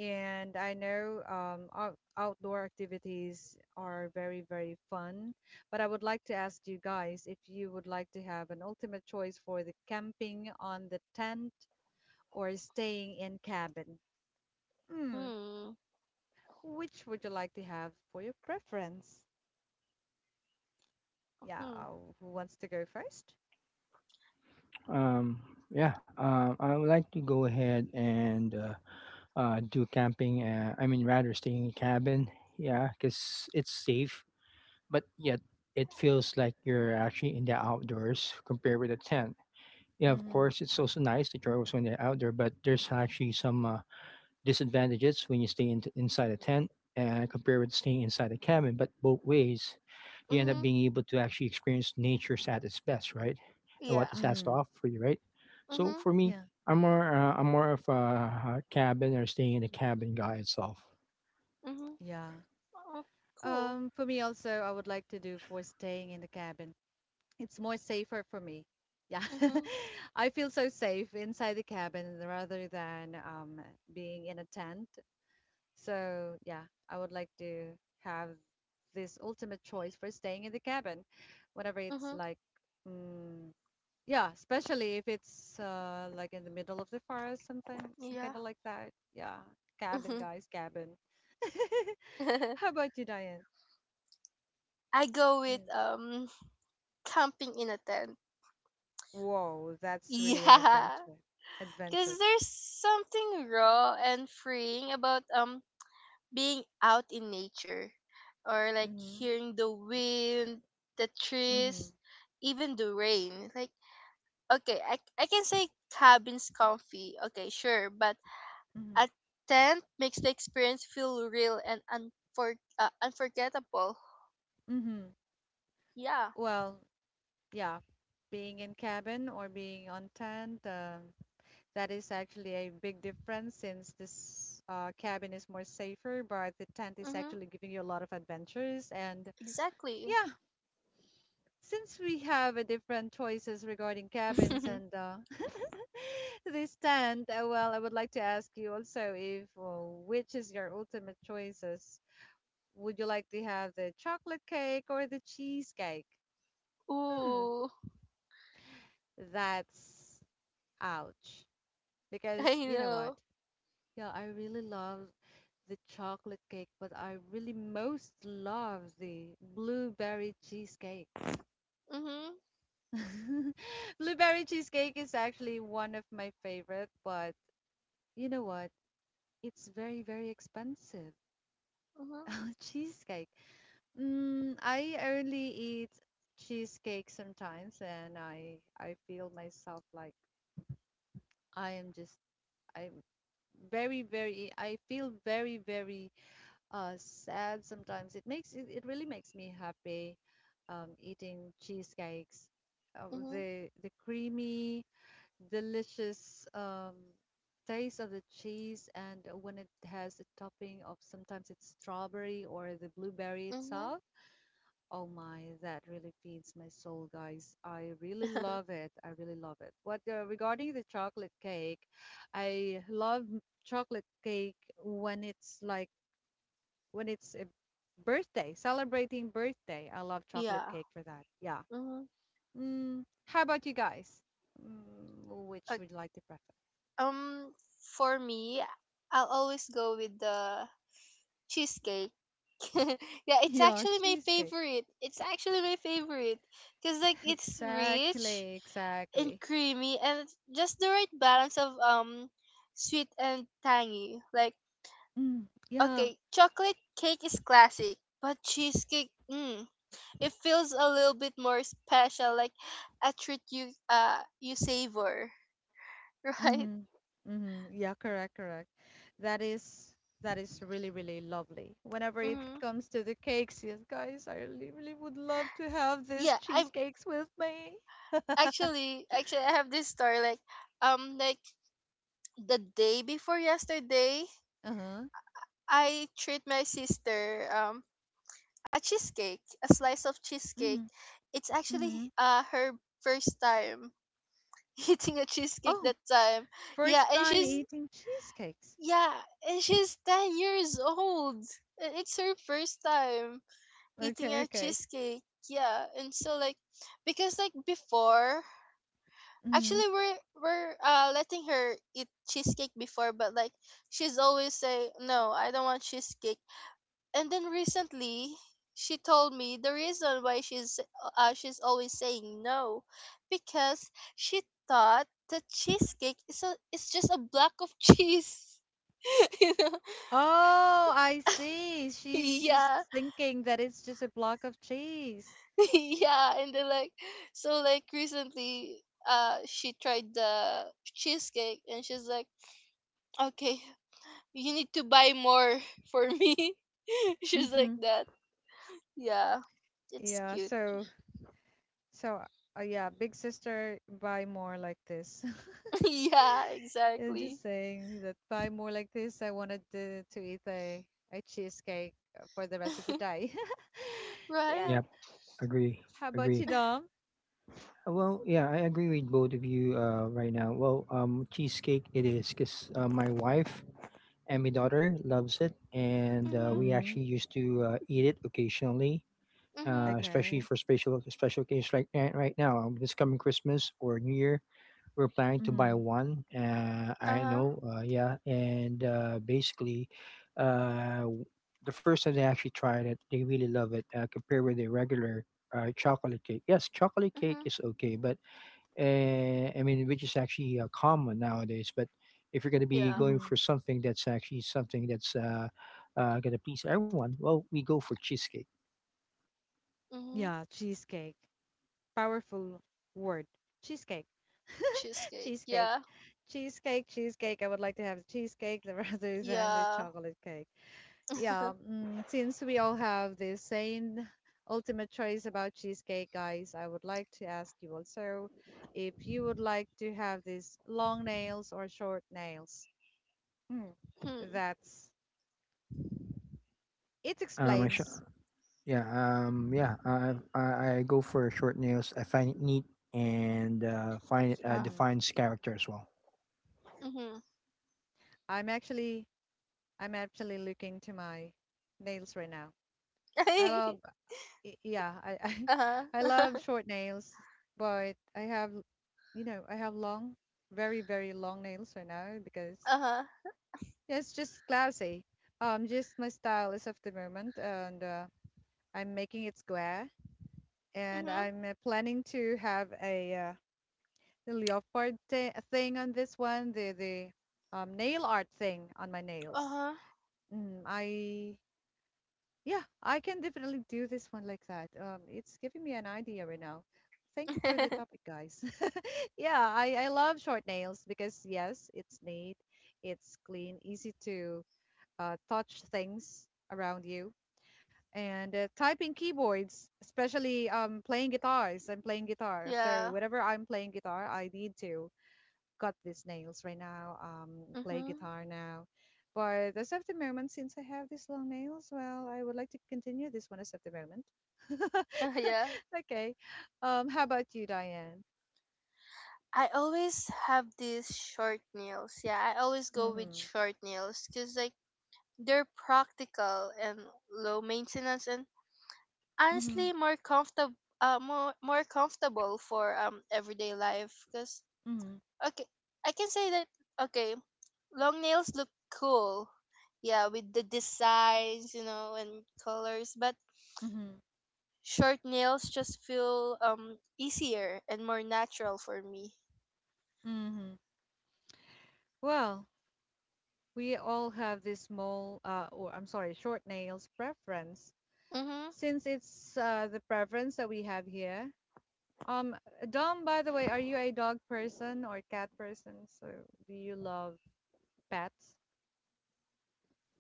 Speaker 1: and I know outdoor activities are very very fun. But I would like to ask you guys if you would like to have an ultimate choice for the camping on the tent or staying in cabin. Hmm.
Speaker 2: Hmm.
Speaker 1: Which would you like to have for your preference? Yeah,
Speaker 2: Hmm.
Speaker 1: uh, who wants to go first?
Speaker 3: Um, yeah, I would like to go ahead and do camping. I mean, rather staying in cabin. Yeah, because it's safe but yet it feels like you're actually in the outdoors compared with a tent. Yeah, of
Speaker 1: Mm-hmm.
Speaker 3: course, it's also nice that you're also in the outdoor, but there's actually some disadvantages when you inside a tent and compared with staying inside a cabin. But both ways, you end up
Speaker 2: Mm-hmm.
Speaker 3: being able to actually experience nature at its best, right? And
Speaker 2: Yeah.
Speaker 3: what it has to
Speaker 1: Mm-hmm.
Speaker 3: offer for you, right? So
Speaker 2: Mm-hmm.
Speaker 3: for me,
Speaker 1: Yeah.
Speaker 3: I'm more of a cabin or staying in a cabin guy itself.
Speaker 2: Mm-hmm.
Speaker 1: Yeah.
Speaker 2: Oh, cool.
Speaker 1: For me also, I would like to do for staying in the cabin. It's more safer for me. Yeah.
Speaker 2: Mm-hmm.
Speaker 1: I feel so safe inside the cabin rather than being in a tent. So, yeah, I would like to have this ultimate choice for staying in the cabin, whenever it's
Speaker 2: Mm-hmm.
Speaker 1: like, mm, yeah, especially if it's like in the middle of the forest, something, some kind
Speaker 2: Yeah.
Speaker 1: of like that. Yeah, cabin,
Speaker 2: Mm-hmm.
Speaker 1: guys, cabin. How about you, Diane?
Speaker 2: I go with
Speaker 1: Mm.
Speaker 2: camping in a tent.
Speaker 1: Whoa, that's really an
Speaker 2: Yeah,
Speaker 1: adventure.
Speaker 2: because
Speaker 1: Adventure.
Speaker 2: there's something raw and freeing about being out in nature, or like
Speaker 1: Mm-hmm.
Speaker 2: hearing the wind, the
Speaker 1: Mm-hmm.
Speaker 2: trees, even the rain. Like, okay, I can say cabin's comfy, okay, sure, but
Speaker 1: Mm-hmm.
Speaker 2: a tent makes the experience feel real and unforgettable.
Speaker 1: Mm-hmm.
Speaker 2: Yeah,
Speaker 1: Well, yeah, being in cabin or being on tent, that is actually a big difference since this cabin is more safer, but the tent is
Speaker 2: mm-hmm,
Speaker 1: actually giving you a lot of adventures and
Speaker 2: exactly.
Speaker 1: yeah. Since we have a different choices regarding cabins and this stand, well, I would like to ask you also if which is your ultimate choices? Would you like to have the chocolate cake or the cheesecake? Hmm,
Speaker 2: Ooh,
Speaker 1: that's ouch.
Speaker 2: I
Speaker 1: Because you know what?
Speaker 2: know.
Speaker 1: Yeah, I really love the chocolate cake, but I really most love the blueberry cheesecake.
Speaker 2: Mm-hmm,
Speaker 1: Blueberry cheesecake is actually one of my favorite, but you know what? It's very, very expensive.
Speaker 2: mm-hmm,
Speaker 1: Cheesecake. Mm, I only eat cheesecake sometimes, and I feel myself like I am just I'm very, very I feel very, very sad sometimes. It really makes me happy eating cheesecakes.
Speaker 2: mm-hmm,
Speaker 1: The creamy delicious taste of the cheese and when it has a topping of sometimes it's strawberry or the blueberry
Speaker 2: mm-hmm.
Speaker 1: itself. Oh my, that really feeds my soul, guys. I really love it. I really love it. What regarding the chocolate cake, I love chocolate cake when it's like when it's a birthday, celebrating birthday. I love chocolate
Speaker 2: yeah.
Speaker 1: cake for that. Yeah.
Speaker 2: Mm-hmm.
Speaker 1: Mm, how about you guys? Mm, which would you like to prefer?
Speaker 2: Um, for me, I'll always go with the cheesecake. yeah, it's
Speaker 1: Yeah,
Speaker 2: actually my
Speaker 1: cheesecake.
Speaker 2: favorite. It's actually my favorite because like it's rich
Speaker 1: Exactly,
Speaker 2: and
Speaker 1: exactly.
Speaker 2: creamy and it's just the right balance of sweet and tangy. Like
Speaker 1: Mm, yeah.
Speaker 2: okay, chocolate cake is classic, but cheesecake, it feels a little bit more special, like a treat you savor, right?
Speaker 1: Mm-hmm. Mm-hmm. Yeah, correct, correct. That is that is really, really lovely. Whenever it
Speaker 2: Mm-hmm.
Speaker 1: comes to the cakes, yes, guys, I really, really would love to have these
Speaker 2: Yeah, I am
Speaker 1: cheesecakes with me.
Speaker 2: actually I have this story, like the day before yesterday
Speaker 1: Uh-huh.
Speaker 2: I treat my sister a cheesecake, a slice of cheesecake.
Speaker 1: Mm-hmm.
Speaker 2: It's actually
Speaker 1: Mm-hmm.
Speaker 2: her first time eating a cheesecake
Speaker 1: Oh,
Speaker 2: that time. Yeah,
Speaker 1: first
Speaker 2: and
Speaker 1: time eating cheesecakes.
Speaker 2: yeah, she's 10 years old. And it's her first time eating
Speaker 1: Okay,
Speaker 2: a
Speaker 1: okay.
Speaker 2: cheesecake. Yeah, and so like, because like before,
Speaker 1: Mm-hmm.
Speaker 2: actually we're letting her eat cheesecake before, but like she's always say no, I don't want cheesecake. And then recently she told me the reason why she's always saying no, because she thought the cheesecake is a it's just a block of cheese, you know.
Speaker 1: Oh, I see. She's just
Speaker 2: Yeah.
Speaker 1: thinking that it's just a block of cheese.
Speaker 2: yeah. And then like, so like recently, she tried the cheesecake, and she's like okay, you need to buy more for me. She's like that. Yeah, it's
Speaker 1: Yeah,
Speaker 2: cute.
Speaker 1: so yeah, big sister, buy more like this.
Speaker 2: yeah,
Speaker 1: Yeah,
Speaker 2: exactly.
Speaker 1: just saying that buy more like this. I wanted to eat a cheesecake for the rest of the day.
Speaker 2: Right?
Speaker 1: Yeah.
Speaker 3: Yep, agree,
Speaker 1: How about you,
Speaker 3: agree.
Speaker 1: Dom?
Speaker 3: Well, yeah, I agree with both of you right now. Well, cheesecake it is because my wife and my daughter loves it, and
Speaker 2: Mhm.
Speaker 3: we
Speaker 1: Mm-hmm.
Speaker 3: actually used to eat it occasionally,
Speaker 2: Mhm.
Speaker 3: especially
Speaker 1: Okay.
Speaker 3: for special special occasions. Like right now, this coming Christmas or New Year, we're planning to buy
Speaker 1: Mm-hmm.
Speaker 3: one.
Speaker 2: Uh
Speaker 3: I know,
Speaker 2: huh.
Speaker 3: yeah, and basically, uh, w- the first time they actually tried it, they really love it compared with the regular chocolate cake. Yes, chocolate cake
Speaker 2: Mhm.
Speaker 3: is okay, but I mean, which is actually common nowadays. But if you're going to be
Speaker 2: Yeah.
Speaker 3: going
Speaker 1: Mm-hmm.
Speaker 3: for something that's actually something that's going to please everyone, well, we go for cheesecake.
Speaker 2: Mhm.
Speaker 1: Yeah, cheesecake. Powerful word. Cheesecake.
Speaker 2: Cheesecake.
Speaker 1: Cheesecake.
Speaker 2: Yeah.
Speaker 1: Cheesecake. Cheesecake. I would like to have cheesecake, the raspberries, and the
Speaker 2: Yeah.
Speaker 1: chocolate cake. Yeah, mm, since we all have the same ultimate choice about cheesecake, guys, I would like to ask you also if you would like to have these long nails or short nails. Hmm,
Speaker 2: Hmm.
Speaker 1: that's it
Speaker 3: Um, I sh-
Speaker 1: explains.
Speaker 3: yeah, yeah, I, I go for short nails. I find it neat and find it
Speaker 2: Yeah.
Speaker 1: hmm
Speaker 3: defines character as well.
Speaker 2: Mhm.
Speaker 1: I'm actually I'm actually looking to my nails right now. I love yeah, I
Speaker 2: Uh
Speaker 1: I love
Speaker 2: huh.
Speaker 1: short nails, but I have you know, I have long, very, very long nails right now because
Speaker 2: Uh huh.
Speaker 1: it's just classy. Just my style is of the moment, and I'm making it square, and
Speaker 2: Mhm.
Speaker 1: I'm planning to have a thing on this one, the nail art thing on my
Speaker 2: Uh
Speaker 1: nails.
Speaker 2: huh.
Speaker 1: Mm, I yeah, I can definitely do this one like that. It's giving me an idea right now. Thank you for the topic, guys. Yeah, I love short nails because yes, it's neat, it's clean, easy to touch things around you and typing keyboards, especially playing guitars. I'm playing guitar, so
Speaker 2: yeah.
Speaker 1: whenever I'm playing guitar, I need to cut these nails right now. Play
Speaker 2: Mhm.
Speaker 1: guitar now. But as of the moment, since I have these long nails, well, I would like to continue this one as of the moment.
Speaker 2: Yeah.
Speaker 1: Okay. How about you, Diane?
Speaker 2: I always have these short nails. Yeah, I always go with
Speaker 1: Mm-hmm.
Speaker 2: short nails, because like they're practical and low maintenance, and
Speaker 1: Mm-hmm.
Speaker 2: honestly more comfortable. More comfortable for everyday life. Cause
Speaker 1: Mm-hmm.
Speaker 2: okay, I can say that okay, long nails look cool, yeah, with the designs, you know, and colors, but
Speaker 1: Mm-hmm.
Speaker 2: short nails just feel easier and more natural for me.
Speaker 1: Mm-hmm. Well, we all have this small, or I'm sorry, short nails preference.
Speaker 2: Mhm.
Speaker 1: Since it's the preference that we have here. Um, Dom, by the way, are you a dog person or cat person? So do you love pets,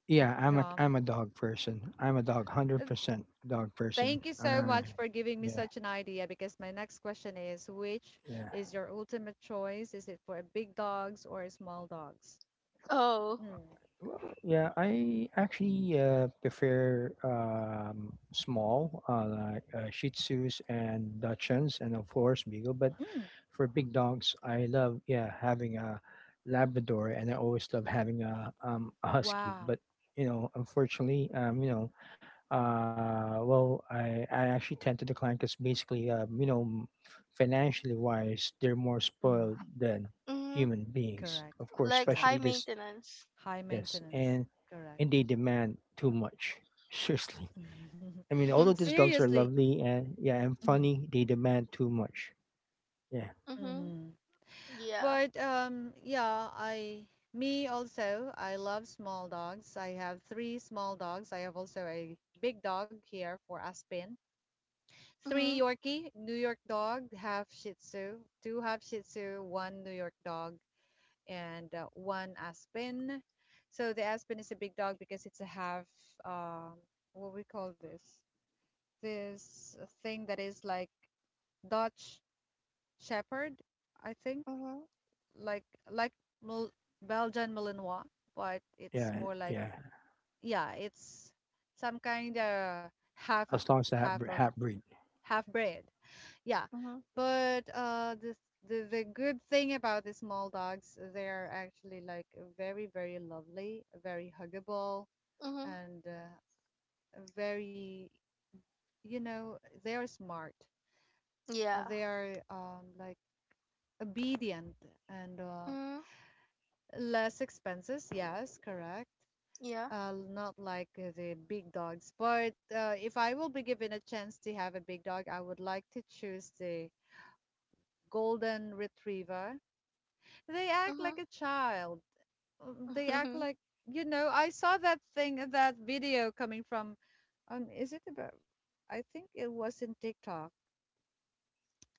Speaker 3: Yeah, I'm
Speaker 1: Dom?
Speaker 3: a dog person. I'm a dog, hundred
Speaker 1: Uh,
Speaker 3: percent dog person.
Speaker 1: Thank you so much for giving me
Speaker 3: Yeah,
Speaker 1: such an idea because my next question is, which
Speaker 3: yeah.
Speaker 1: is your ultimate choice? Is it for big dogs or small dogs?
Speaker 2: Oh.
Speaker 1: Mm.
Speaker 3: Well, yeah, I actually prefer small, like Shih Tzus and Dachshunds, and of course Beagle. But
Speaker 1: Mm.
Speaker 3: for big dogs, I love yeah having a Labrador, and I always love having a Husky.
Speaker 1: Wow.
Speaker 3: But you know, unfortunately, you know, well, I actually tend to decline because basically, you know, financially wise, they're more
Speaker 1: Mm.
Speaker 3: spoiled than
Speaker 2: Mhm.
Speaker 3: human beings.
Speaker 1: Correct.
Speaker 3: Of course,
Speaker 2: Like high
Speaker 1: Correct.
Speaker 3: especially this
Speaker 2: maintenance.
Speaker 1: High
Speaker 3: Yes,
Speaker 1: maintenance.
Speaker 3: and
Speaker 1: Correct.
Speaker 3: they demand too much. Seriously. I mean, although
Speaker 2: Mhm.
Speaker 3: these dogs are
Speaker 1: Seriously.
Speaker 3: lovely and yeah, and
Speaker 1: Mhm,
Speaker 3: funny, they demand too much. Yeah,
Speaker 2: Mhm.
Speaker 1: mhm.
Speaker 2: Yeah.
Speaker 1: But yeah, I me also. I love small dogs. I have three small dogs. I have also a big dog here for Aspen. Three
Speaker 2: Mhm.
Speaker 1: Yorkie, New York dog, half Shih Tzu, two half Shih Tzu, one New York dog, and one Aspen. So the Aspen is a big dog because it's a half. Um, what we call this? This thing that is like Dutch Shepherd, I think,
Speaker 2: Mhm.
Speaker 1: like like Mil- Belgian Malinois, but it's more like
Speaker 3: yeah.
Speaker 1: yeah, it's some kind of
Speaker 3: As long as the half,
Speaker 1: half of
Speaker 3: half breed.
Speaker 1: half breed. Yeah,
Speaker 2: Mhm.
Speaker 1: but this, the good thing about the small dogs, they are actually like very very lovely, very huggable,
Speaker 2: Mhm.
Speaker 1: and very you know they are smart.
Speaker 2: Yeah.
Speaker 1: They are like obedient and
Speaker 2: Mm,
Speaker 1: less expenses, yes, correct.
Speaker 2: yeah.
Speaker 1: Not like the big dogs, but if I will be given a chance to have a big dog, I would like to choose the golden retriever. They act like
Speaker 2: Mhm.
Speaker 1: a child. They act
Speaker 2: Mhm.
Speaker 1: like, you know, I saw that thing, that video coming from, is it about, I think it was in TikTok.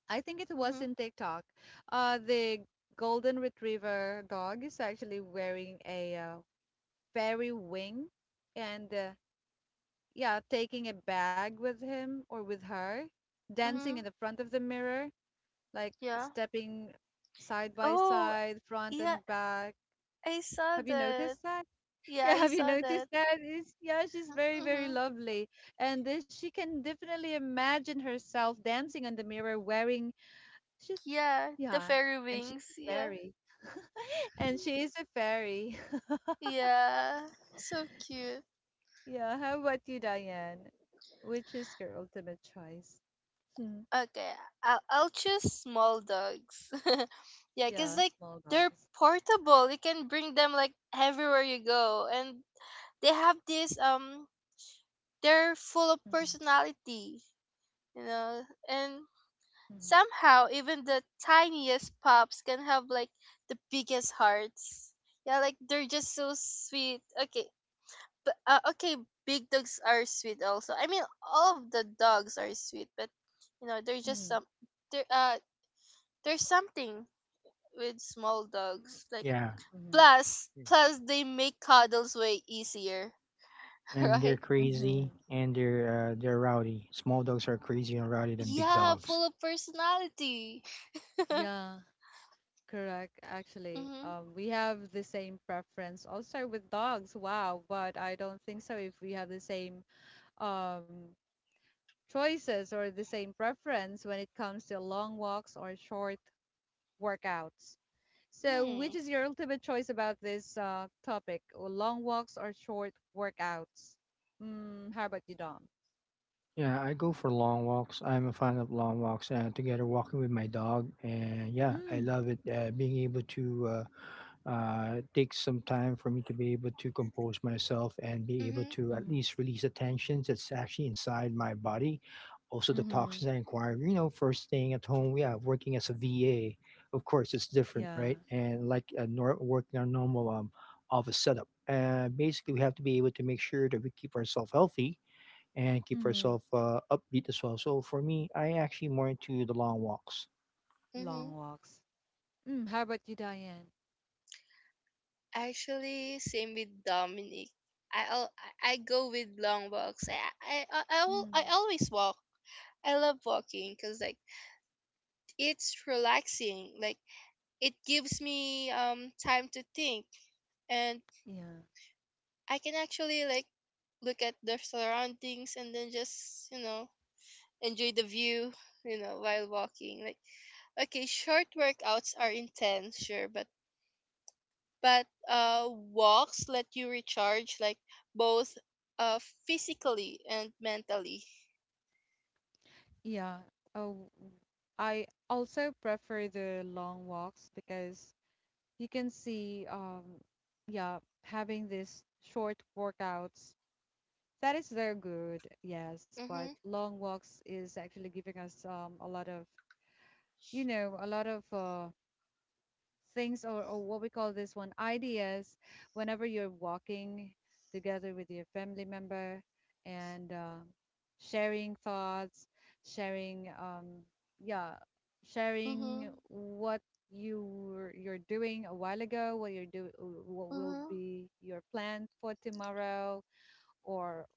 Speaker 1: I think it was
Speaker 2: Mhm.
Speaker 1: in TikTok. The golden retriever dog is actually wearing a fairy wing and yeah, taking a bag with him or with her, dancing in
Speaker 2: Mhm.
Speaker 1: the front of the mirror, like
Speaker 2: Yeah.
Speaker 1: stepping side by
Speaker 2: Oh,
Speaker 1: side, front
Speaker 2: yeah.
Speaker 1: and back.
Speaker 2: I saw
Speaker 1: Have you
Speaker 2: that.
Speaker 1: noticed that?
Speaker 2: Yeah,
Speaker 1: Yeah,
Speaker 2: I
Speaker 1: have you
Speaker 2: saw that.
Speaker 1: noticed that? It's, yeah, she's very, very
Speaker 2: Mhm.
Speaker 1: lovely. And then she can definitely imagine herself dancing on the mirror wearing, she's,
Speaker 2: Yeah, the
Speaker 1: yeah,
Speaker 2: fairy
Speaker 1: and she's
Speaker 2: wings.
Speaker 1: a
Speaker 2: Yeah.
Speaker 1: fairy. And she is a fairy.
Speaker 2: Yeah. So cute.
Speaker 1: Yeah, how about you, Diane? Which is your ultimate choice? Hmm.
Speaker 2: Okay. I'll choose small dogs. yeah, cause
Speaker 1: Yeah,
Speaker 2: like
Speaker 1: small
Speaker 2: they're
Speaker 1: dogs.
Speaker 2: portable. You can bring them like everywhere you go, and they have this. They're full of
Speaker 1: Mhm,
Speaker 2: personality. You know, and
Speaker 1: mhm,
Speaker 2: somehow even the tiniest pups can have like the biggest hearts. Yeah, like they're just so sweet, okay, but okay, big dogs are sweet also, I mean all of the dogs are sweet, but you know they're just
Speaker 1: mhm,
Speaker 2: some, there there's something with small dogs, like
Speaker 3: Yeah.
Speaker 1: mhm,
Speaker 2: plus
Speaker 3: Yeah.
Speaker 2: plus they make cuddles way easier.
Speaker 3: And they're
Speaker 2: right.
Speaker 3: crazy
Speaker 1: mhm.
Speaker 3: and they're rowdy. Small dogs are crazy and rowdy than big
Speaker 2: Yeah,
Speaker 3: dogs.
Speaker 2: full of personality.
Speaker 1: Yeah, correct. Actually,
Speaker 2: mhm,
Speaker 1: we have the same preference also with dogs. Wow, but I don't think so if we have the same um choices or the same preference when it comes to long walks or short workouts. So, which
Speaker 2: mhm,
Speaker 1: is your ultimate choice about this topic? Or long walks or short workouts? Mm, how about you, Dom?
Speaker 3: Yeah, I go for long walks. I'm a fan of long walks and together walking with my dog. And yeah, I
Speaker 1: Mm,
Speaker 3: love it. Being able to take some time for me to be able to compose myself and be able
Speaker 2: mhm,
Speaker 3: to at
Speaker 1: mm-hmm,
Speaker 3: least release the tensions that's actually inside my body. Also, the
Speaker 1: mm-hmm,
Speaker 3: toxins I acquire, you know, first staying at home, yeah, working as a VA, of course, it's different,
Speaker 1: yeah.
Speaker 3: right? And like working on normal office setup. Basically, we have to be able to make sure that we keep ourselves healthy and keep
Speaker 1: Mm-hmm.
Speaker 3: herself upbeat as well. So for me, I actually more into the long walks.
Speaker 1: Long
Speaker 2: mhm.
Speaker 1: walks. Mm, how about you, Diane?
Speaker 2: Actually, same with Dominic. I al- I go with long walks. I I I, I, will,
Speaker 1: Mm,
Speaker 2: I always walk. I love walking because like it's relaxing. Like it gives me time to think, and
Speaker 1: yeah.
Speaker 2: I can actually like look at the surroundings and then just enjoy the view. You know, while walking. Like okay, short workouts are intense, sure, but but uh, walks let you recharge, like both, uh, physically and mentally.
Speaker 1: Yeah. Oh, I also prefer the long walks because you can see, yeah, having this short workouts that is very good, yes, but
Speaker 2: Mhm.
Speaker 1: long walks is actually giving us a lot of, you know, a lot of things or what we call this one ideas whenever you're walking together with your family member and sharing thoughts, sharing, yeah, sharing
Speaker 2: Mhm.
Speaker 1: what you you're doing a while ago, what you're do, what will
Speaker 2: Mhm.
Speaker 1: be your plan for tomorrow, or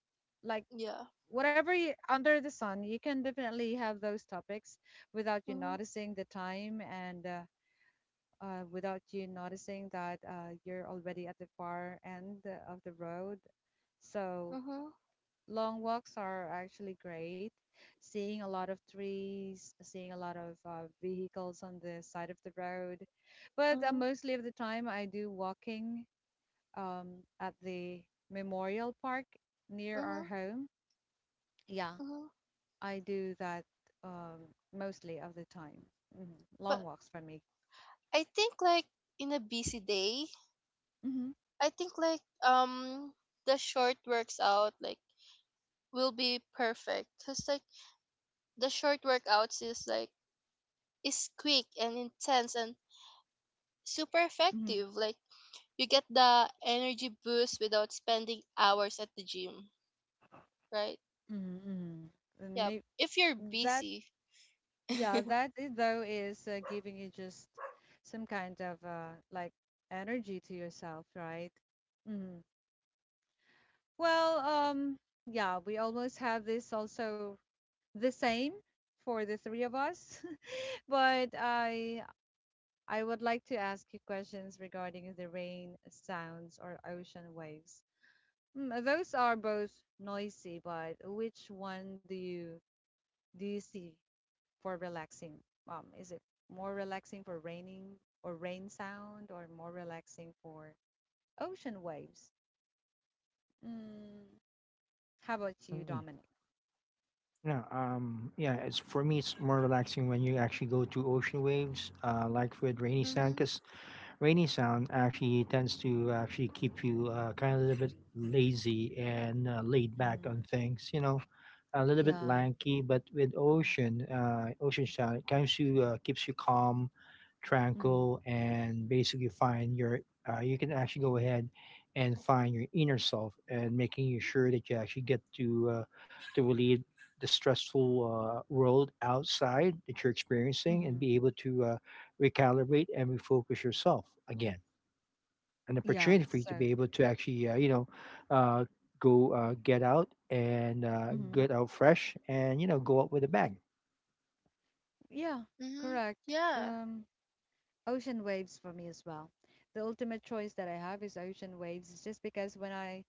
Speaker 1: like
Speaker 2: Yeah.
Speaker 1: whatever you, under the sun, you can definitely have those topics without you
Speaker 2: Mhm.
Speaker 1: noticing the time and without you noticing that you're already at the far end of the road. So
Speaker 2: Mhm.
Speaker 1: long walks are actually great. Seeing a lot of trees, seeing a lot of vehicles on the side of the road. But
Speaker 2: Mhm.
Speaker 1: mostly of the time, I do walking at the Memorial Park near our
Speaker 2: Mhm.
Speaker 1: home. Yeah,
Speaker 2: Mhm.
Speaker 1: I do that um, mostly of the time. Long
Speaker 2: But
Speaker 1: walks for me.
Speaker 2: I think like in a busy day,
Speaker 1: hmm
Speaker 2: I think like the short works out like will be perfect, cuz like the short workouts is quick and intense and super
Speaker 1: hmm
Speaker 2: effective, like you get the energy boost without spending hours at the gym, right?
Speaker 1: hmm hmm And
Speaker 2: Yeah,
Speaker 1: may
Speaker 2: if you're
Speaker 1: that
Speaker 2: busy.
Speaker 1: yeah, that I- though is giving you just some kind of like energy to yourself, right? hmm Well, yeah, we almost have this also the same for the three of us, but I would like to ask you questions regarding the rain, sounds, or ocean waves. Those are both noisy, but which one do you see for relaxing? Is it more relaxing for raining or rain sound, or more relaxing for ocean waves? Mm, how about you,
Speaker 3: Hmm.
Speaker 1: Dominic?
Speaker 3: Yeah, yeah. It's for me, it's more relaxing when you actually go to ocean waves, like with rainy sound,
Speaker 2: Mhm.
Speaker 3: because rainy sound actually tends to actually keep you kind of a little bit lazy and laid back on
Speaker 1: Mm-hmm.
Speaker 3: things. You know, a little bit
Speaker 1: Yeah.
Speaker 3: lanky, but with ocean sound, it kind of keeps you calm,
Speaker 1: Mm-hmm.
Speaker 3: tranquil and basically find your you can actually go ahead and find your inner self and making you sure that you actually get to relieve the stressful world outside that you're experiencing and
Speaker 1: Mm-hmm.
Speaker 3: be able to recalibrate and refocus yourself again, an
Speaker 1: Yeah.
Speaker 3: opportunity for you to
Speaker 1: So,
Speaker 3: be able to actually you know, uh, go get out and
Speaker 1: mhm.
Speaker 3: get out fresh and you know go out with a bang.
Speaker 1: Yeah,
Speaker 2: Mhm.
Speaker 1: correct.
Speaker 2: Yeah.
Speaker 1: Um, Ocean waves for me as well. The ultimate choice that I have is ocean waves. It's just because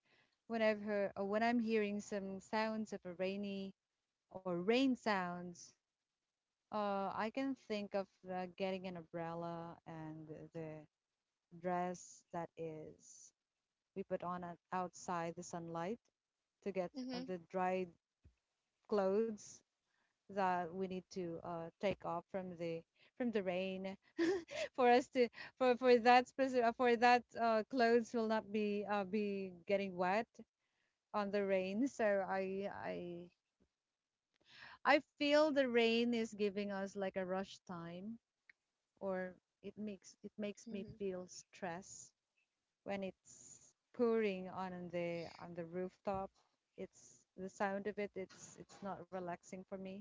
Speaker 1: when I've heard, or when I'm hearing some sounds of a rainy or rain sounds, I can think of getting an umbrella and the dress that is we put on at, outside the sunlight to get
Speaker 2: Mhm.
Speaker 1: the dried clothes that we need to take off from the rain for us to, for that clothes will not be getting wet on the rain. So I feel the rain is giving us like a rush time, or it makes me
Speaker 2: Mhm.
Speaker 1: feel stress when it's pouring on the rooftop. It's the sound of it. It's not relaxing for me.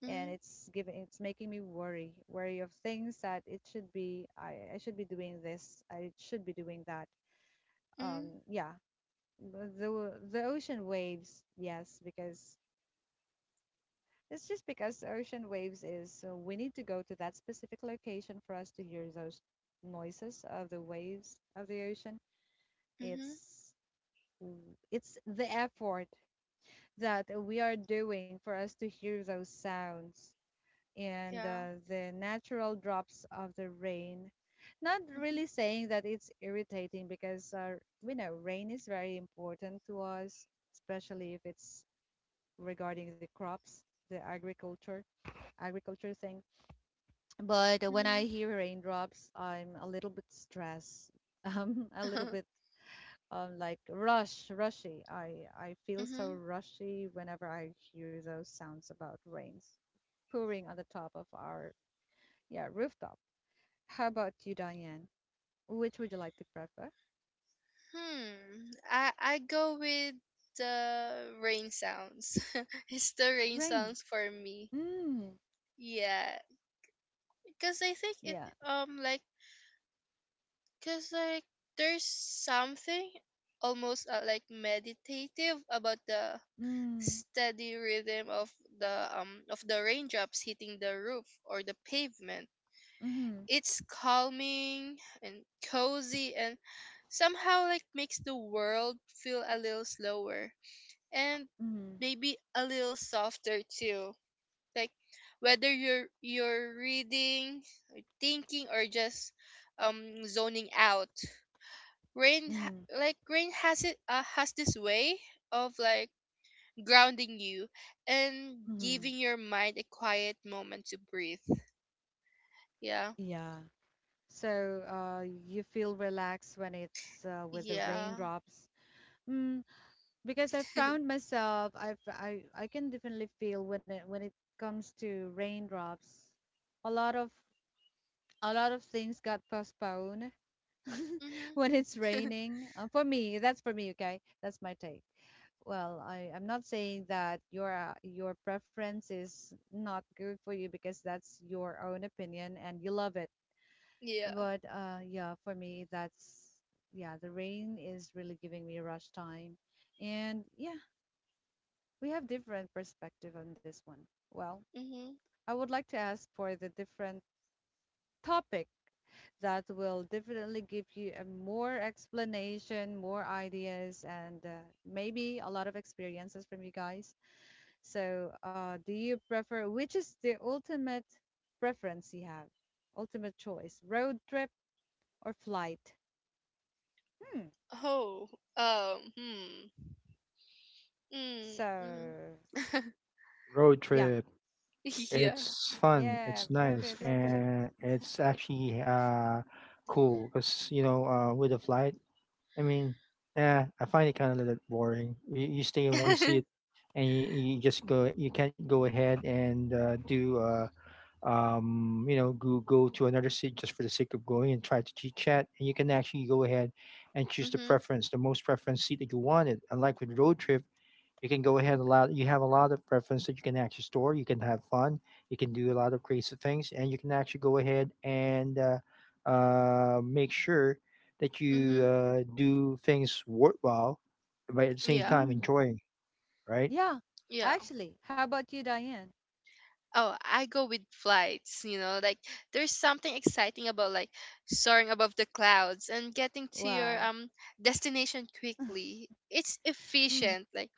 Speaker 1: And
Speaker 2: Mhm.
Speaker 1: it's making me worry of things that it should be. I should be doing this, I should be doing that,
Speaker 2: Mhm.
Speaker 1: yeah. The ocean waves, yes, because it's just because ocean waves is, so we need to go to that specific location for us to hear those noises of the waves of the ocean.
Speaker 2: Mhm.
Speaker 1: it's it's the effort that we are doing for us to hear those sounds and
Speaker 2: Yeah.
Speaker 1: the natural drops of the rain. Not
Speaker 2: Mhm.
Speaker 1: really saying that it's irritating because we know rain is very important to us, especially if it's regarding the crops, the agriculture, agriculture thing. But when I
Speaker 2: Mhm.
Speaker 1: hear raindrops, I'm a little bit stressed. A little bit like rush, rushy. I feel so
Speaker 2: mhm.
Speaker 1: rushy whenever I hear those sounds about rains pouring on the top of our yeah rooftop. How about you, Diane? Which would you like to prefer?
Speaker 2: Hmm. I go with the rain sounds. it's the rain
Speaker 1: Rain.
Speaker 2: sounds for me.
Speaker 1: Mm.
Speaker 2: Yeah, because I think it,
Speaker 1: Yeah.
Speaker 2: like, cause like there's something almost, like meditative about the
Speaker 1: Mm.
Speaker 2: steady rhythm of the raindrops hitting the roof or the pavement.
Speaker 1: Mm-hmm.
Speaker 2: It's calming and cozy and somehow like makes the world feel a little slower and
Speaker 1: Mm-hmm.
Speaker 2: maybe a little softer too. Like whether you're reading, thinking, or just zoning out, rain ha-
Speaker 1: Mm-hmm.
Speaker 2: like rain has this way of like grounding you and
Speaker 1: Mm-hmm.
Speaker 2: giving your mind a quiet moment to breathe. Yeah.
Speaker 1: Yeah. So, you feel relaxed when it's with the
Speaker 2: Yeah.
Speaker 1: raindrops. Mm, because I found myself, I can definitely feel when it comes to raindrops, a lot of a lot of things got postponed
Speaker 2: Mm-hmm.
Speaker 1: when it's raining. For me, that's for me, okay? That's my take. Well, I'm not saying that your preference is not good for you because that's your own opinion and you love it.
Speaker 2: Yeah.
Speaker 1: But yeah, for me, that's yeah, the rain is really giving me a rush time. And yeah, we have different perspective on this one. Well,
Speaker 2: Mm-hmm.
Speaker 1: I would like to ask for the different topic that will definitely give you a more explanation, more ideas, and maybe a lot of experiences from you guys. So, do you prefer, which is the ultimate preference you have? Ultimate choice, road trip or flight? Hmm.
Speaker 2: Oh, hmm. Mm,
Speaker 1: So,
Speaker 2: mm.
Speaker 3: Road
Speaker 1: yeah,
Speaker 3: trip.
Speaker 2: yeah.
Speaker 3: It's fun.
Speaker 1: yeah,
Speaker 3: It's nice,
Speaker 1: road trip.
Speaker 3: and it's actually cool because you know with a flight, I mean, I find it kind of a little bit boring. You stay in one seat, and you just go. You can't go ahead and do you know go to another seat just for the sake of going and try to chit chat. And you can actually go ahead and choose
Speaker 2: mm-hmm.
Speaker 3: the most preference seat that you wanted. Unlike with road trip, you can go ahead a lot, you have a lot of preference that you can actually store, you can have fun, you can do a lot of creative things and you can actually go ahead and make sure that you
Speaker 2: Mm-hmm.
Speaker 3: do things worthwhile but at the same
Speaker 2: Yeah.
Speaker 3: time
Speaker 1: Mm,
Speaker 3: enjoying, right?
Speaker 1: yeah,
Speaker 2: Yeah.
Speaker 1: actually, how about you, Diane?
Speaker 2: Oh, I go with flights, like there's something exciting about like soaring above the clouds and getting to your
Speaker 1: Wow.
Speaker 2: destination quickly. It's
Speaker 1: Mm.
Speaker 2: efficient, like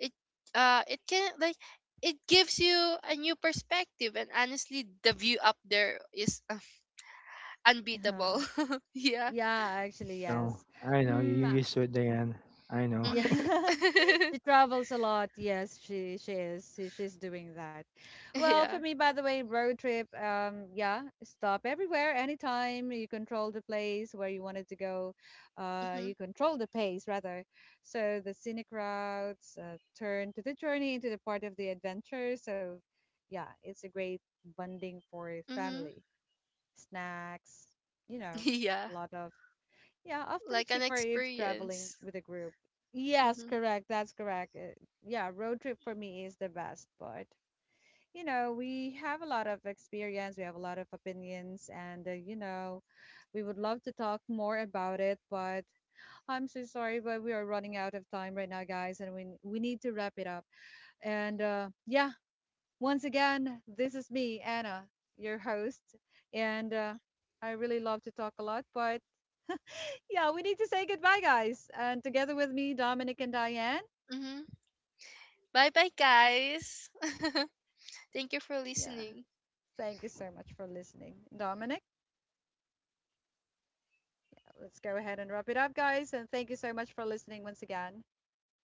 Speaker 2: it it can like it gives you a new perspective, and honestly the view up there is, unbeatable. yeah.
Speaker 1: Yeah,
Speaker 3: i
Speaker 1: actually,
Speaker 3: know
Speaker 1: yes.
Speaker 3: i know you're
Speaker 1: Mm,
Speaker 3: used to it, Dan. I know.
Speaker 1: yeah,
Speaker 2: Mhm.
Speaker 1: she travels a lot. Yes, she is. She's doing that. Well, for
Speaker 2: yeah.
Speaker 1: me, by the way, road trip. Yeah, stop everywhere, anytime. You control the place where you wanted to go.
Speaker 2: Mhm.
Speaker 1: You control the pace rather. So the scenic routes turn to the journey into the part of the adventure. So, yeah, it's a great bonding for
Speaker 2: Mhm.
Speaker 1: family. Snacks, you know,
Speaker 2: Yeah.
Speaker 1: a lot of, yeah, often
Speaker 2: Like an
Speaker 1: cheaper if traveling
Speaker 2: experience.
Speaker 1: with a group. Yes,
Speaker 2: Mhm.
Speaker 1: correct. That's correct. Yeah, road trip for me is the best part. You know, we have a lot of experience, we have a lot of opinions, and, you know, we would love to talk more about it, but I'm so sorry, but we are running out of time right now, guys, and we need to wrap it up. And yeah, once again, this is me, Anna, your host, and I really love to talk a lot, but yeah, we need to say goodbye, guys. And together with me, Dominic and Diane.
Speaker 2: Mhm. Bye bye, guys. Thank you for
Speaker 1: Yeah,
Speaker 2: listening.
Speaker 1: thank you so much for listening. Dominic, let's go ahead and wrap it up, guys. And thank you so much for listening once again.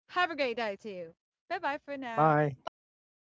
Speaker 1: Have a great day to you. Bye bye for now.
Speaker 3: Bye
Speaker 2: Bye bye.
Speaker 3: bye.